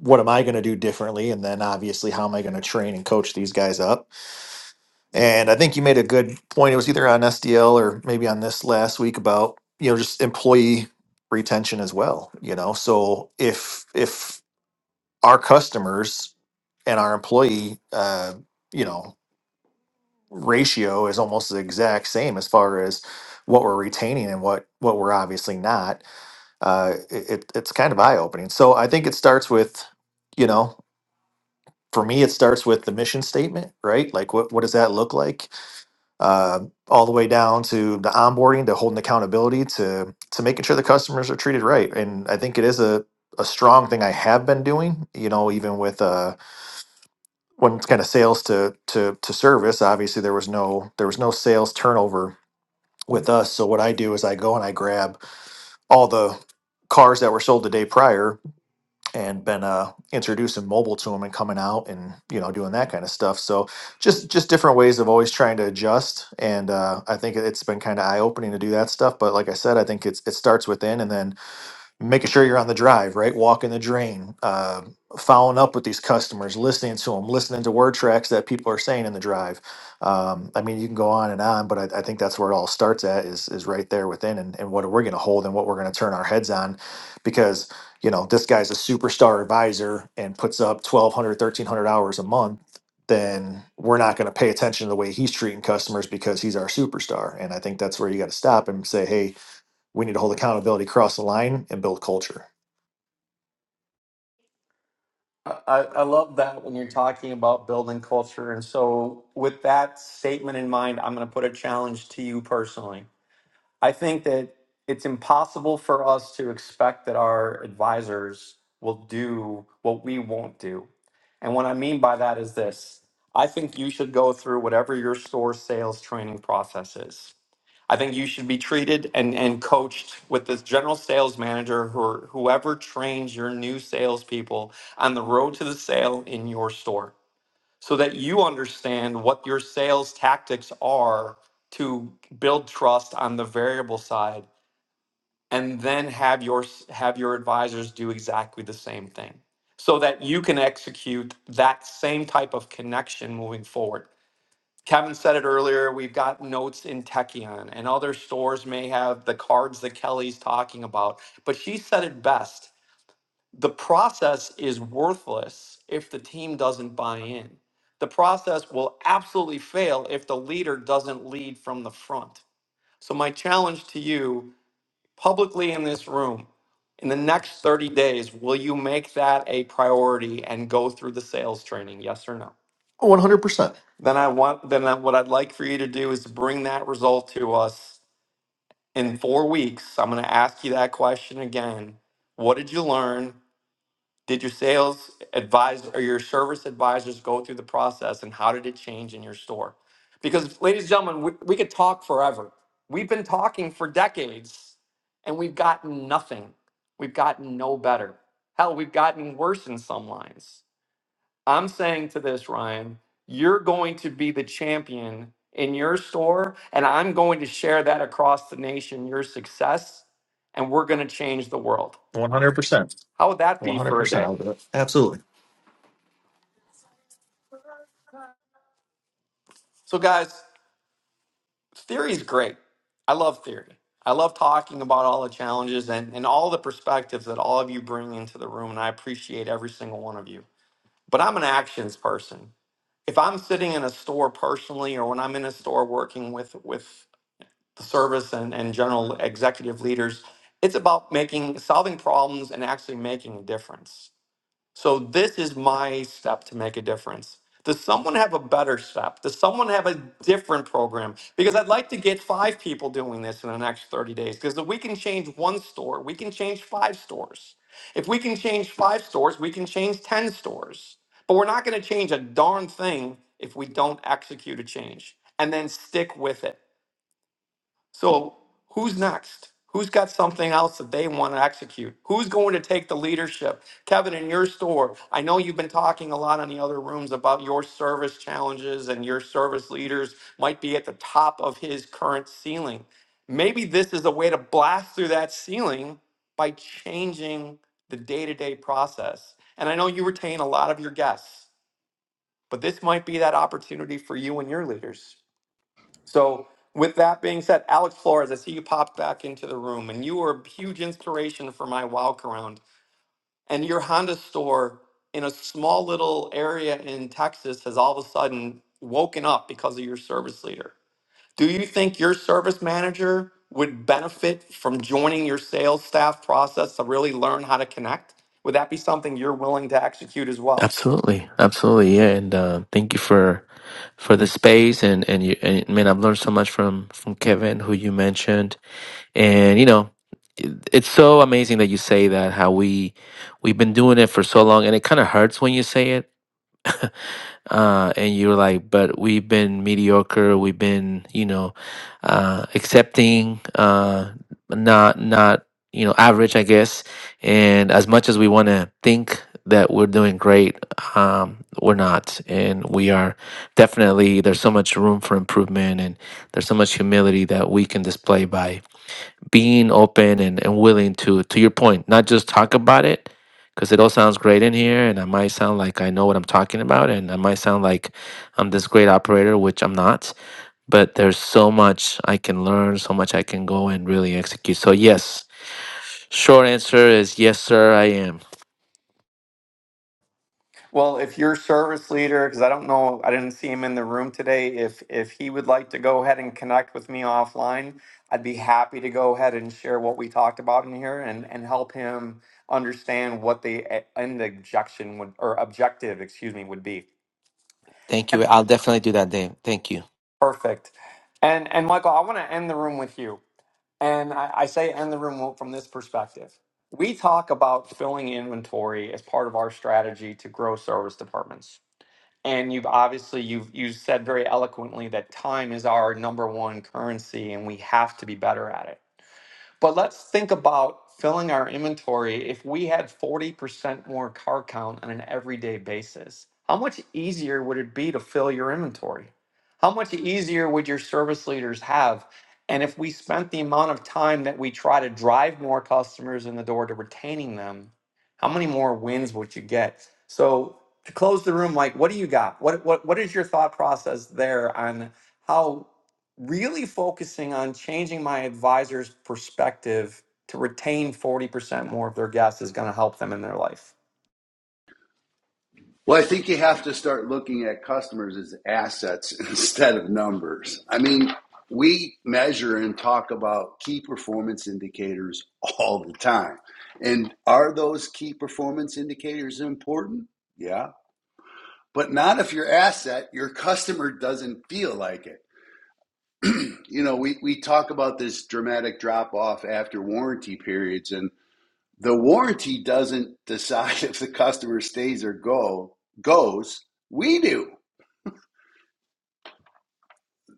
S13: what am I going to do differently? And then obviously, how am I going to train and coach these guys up? And I think you made a good point. It was either on SDL or maybe on this last week about, you know, just employee retention as well, you know? So if, if, our customers and our employee, uh, you know, ratio is almost the exact same as far as what we're retaining and what what we're obviously not. Uh, it, it- it's kind of eye opening. So I think it starts with, you know, for me it starts with the mission statement, right? Like what what does that look like? Uh, all the way down to the onboarding, to holding accountability, to to making sure the customers are treated right. And I think it is a a strong thing I have been doing. You know, even with uh when it's kind of sales to to to service, obviously there was no there was no sales turnover with us. So what I do is I go and I grab all the cars that were sold the day prior and been uh, introducing mobile to them and coming out and you know doing that kind of stuff. So just just different ways of always trying to adjust. And uh, I think it's been kind of eye opening to do that stuff. But like I said, I think it's it starts within and then making sure you're on the drive, right? Walking the drain, uh, following up with these customers, listening to them, listening to word tracks that people are saying in the drive. Um, I mean, you can go on and on, but I, I think that's where it all starts at is is right there within, and, and what we're going to hold and what we're going to turn our heads on, because you know this guy's a superstar advisor and puts up 1,200, 1,300 hours a month. Then we're not going to pay attention to the way he's treating customers because he's our superstar. And I think that's where you got to stop and say, hey, we need to hold accountability across the line and build culture.
S1: I, I I love that when you're talking about building culture. And so, with that statement in mind, I'm going to put a challenge to you personally. I think that it's impossible for us to expect that our advisors will do what we won't do. And what I mean by that is this I think you should go through whatever your store sales training process is. I think you should be treated and, and coached with this general sales manager or whoever trains your new salespeople on the road to the sale in your store so that you understand what your sales tactics are to build trust on the variable side and then have your have your advisors do exactly the same thing so that you can execute that same type of connection moving forward kevin said it earlier we've got notes in techion and other stores may have the cards that kelly's talking about but she said it best the process is worthless if the team doesn't buy in. The process will absolutely fail if the leader doesn't lead from the front. So, my challenge to you publicly in this room in the next 30 days, will you make that a priority and go through the sales training? Yes or no?
S13: 100%.
S1: Then, I want, then I- what I'd like for you to do is bring that result to us in four weeks. I'm going to ask you that question again. What did you learn? Did your sales advisor or your service advisors go through the process and how did it change in your store? Because, ladies and gentlemen, we, we could talk forever. We've been talking for decades and we've gotten nothing. We've gotten no better. Hell, we've gotten worse in some lines. I'm saying to this, Ryan, you're going to be the champion in your store, and I'm going to share that across the nation, your success, and we're going to change the world.
S13: 100%.
S1: How would that be for a
S13: 100%.
S1: day?
S13: I'll do it. Absolutely.
S1: So, guys, theory is great. I love theory. I love talking about all the challenges and, and all the perspectives that all of you bring into the room, and I appreciate every single one of you. But I'm an actions person. If I'm sitting in a store personally, or when I'm in a store working with with the service and, and general executive leaders, it's about making solving problems and actually making a difference. So this is my step to make a difference. Does someone have a better step? Does someone have a different program? Because I'd like to get five people doing this in the next 30 days. Because if we can change one store, we can change five stores. If we can change five stores, we can change 10 stores. But we're not going to change a darn thing if we don't execute a change and then stick with it. So who's next? Who's got something else that they want to execute? Who's going to take the leadership? Kevin, in your store, I know you've been talking a lot in the other rooms about your service challenges and your service leaders might be at the top of his current ceiling. Maybe this is a way to blast through that ceiling by changing the day to day process. And I know you retain a lot of your guests, but this might be that opportunity for you and your leaders. So, with that being said, Alex Flores, I see you popped back into the room, and you were a huge inspiration for my walk around. And your Honda store in a small little area in Texas has all of a sudden woken up because of your service leader. Do you think your service manager would benefit from joining your sales staff process to really learn how to connect? Would that be something you're willing to execute as well?
S14: Absolutely, absolutely, yeah. And uh, thank you for for the space, and and you, and man, I've learned so much from from Kevin, who you mentioned, and you know, it- it's so amazing that you say that how we we've been doing it for so long, and it kind of hurts when you say it uh, and you're like, but we've been mediocre. We've been, you know, uh, accepting, uh, not not you know average, I guess. And as much as we want to think that we're doing great, um, we're not, and we are definitely. There's so much room for improvement, and there's so much humility that we can display by being open and, and willing to to your point not just talk about it because it all sounds great in here and i might sound like i know what i'm talking about and i might sound like i'm this great operator which i'm not but there's so much i can learn so much i can go and really execute so yes short answer is yes sir i am
S1: Well, if your service leader, because I don't know, I didn't see him in the room today. If if he would like to go ahead and connect with me offline, I'd be happy to go ahead and share what we talked about in here and and help him understand what the e- end objection would or objective, excuse me, would be.
S14: thank you i'll definitely do that dave thank you
S1: Perfect. And and Michael, I want to end the room with you. And I, I say end the room from this perspective. We talk about filling inventory as part of our strategy to grow service departments. and you've obviously you've you said very eloquently that time is our number one currency and we have to be better at it but let's think about filling our inventory if we had 40% more car count on an everyday basis. How much easier would it be to fill your inventory? How much easier would your service leaders have? And if we spent the amount of time that we try to drive more customers in the door to retaining them, how many more wins would you get? So to close the room, like what do you got? What what what is your thought process there on how really focusing on changing my advisor's perspective to retain 40% more of their guests is going to help them in their life.
S5: Well, I think you have to start looking at customers as assets instead of numbers. I mean, we measure and talk about key performance indicators all the time. And are those key performance indicators important? Yeah. But not if your asset, your customer doesn't feel like it. you know, we, we talk about this dramatic drop off after warranty periods, and the warranty doesn't decide if the customer stays or go goes. We do.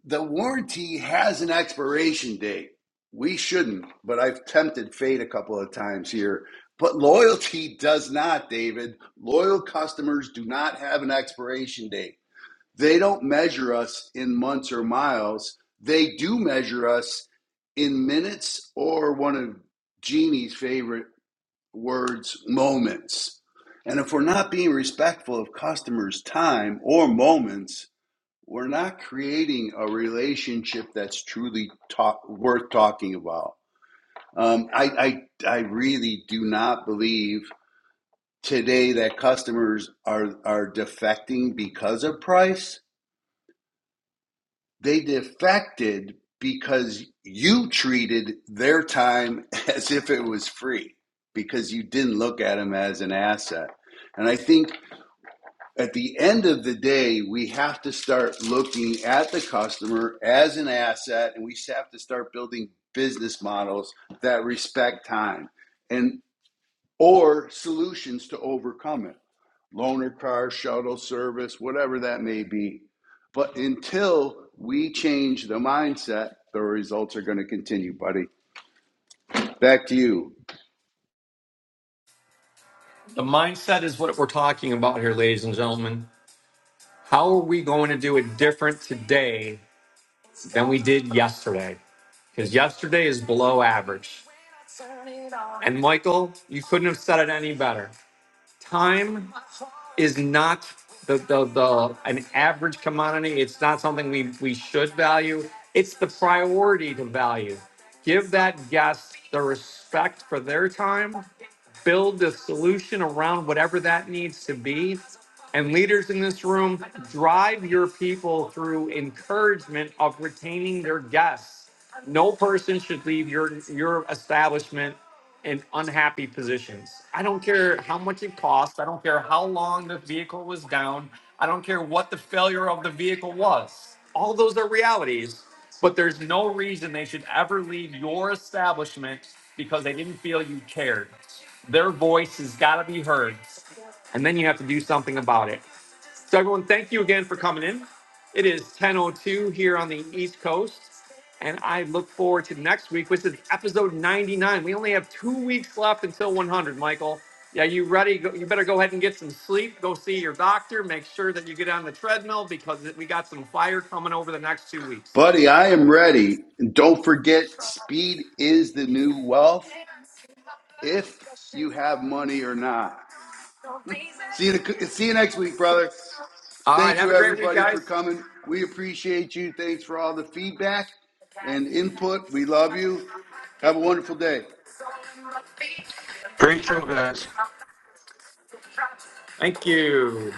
S5: The warranty has an expiration date. We shouldn't, but I've tempted fate a couple of times here. But loyalty does not, David. Loyal customers do not have an expiration date. They don't measure us in months or miles. They do measure us in minutes or one of Jeannie's favorite words, moments. And if we're not being respectful of customers' time or moments, we're not creating a relationship that's truly talk, worth talking about. Um, I, I, I really do not believe today that customers are, are defecting because of price They defected because you treated their time as if it was free because you didn't look at them as an asset. And I think at the end of the day, we have to start looking at the customer as an asset and we have to start building business models that respect time and or solutions to overcome it loaner car, shuttle service, whatever that may be. But until we change the mindset, the results are going to continue, buddy. Back to you.
S1: The mindset is what we're talking about here, ladies and gentlemen. How are we going to do it different today than we did yesterday? Because yesterday is below average. And Michael, you couldn't have said it any better. time is not the, the, the an average commodity. It's not something we, we should value. It's the priority to value. Give that guest the respect for their time. Build the solution around whatever that needs to be and leaders in this room, drive your people through encouragement of retaining their guests. No person should leave your your establishment in unhappy positions. I don't care how much it costs. I don't care how long the vehicle was down. I don't care what the failure of the vehicle was. All those are realities, but there's no reason they should ever leave your establishment because they didn't feel you cared. Their voice has got to be heard and then you have to do something about it. So everyone, thank you again for coming in. It is 10:02 here on the East Coast, and I look forward to next week, which is episode 99. We only have two weeks left until 100. Michael, yeah, you ready? Go- You better go ahead and get some sleep. Go see your doctor. Make sure that you get on the treadmill because we got some fire coming over the next two weeks.
S5: Buddy, I am ready. And don't forget, speed is the new wealth if you have money or not. See you, see you next week, brother.
S1: All right,
S5: Thank
S1: have
S5: you,
S1: a great week,
S5: everybody, for
S1: guys.
S5: coming. We appreciate you. Thanks for all the feedback and input. We love you. Have a wonderful day.
S2: Great show, guys.
S1: Thank you.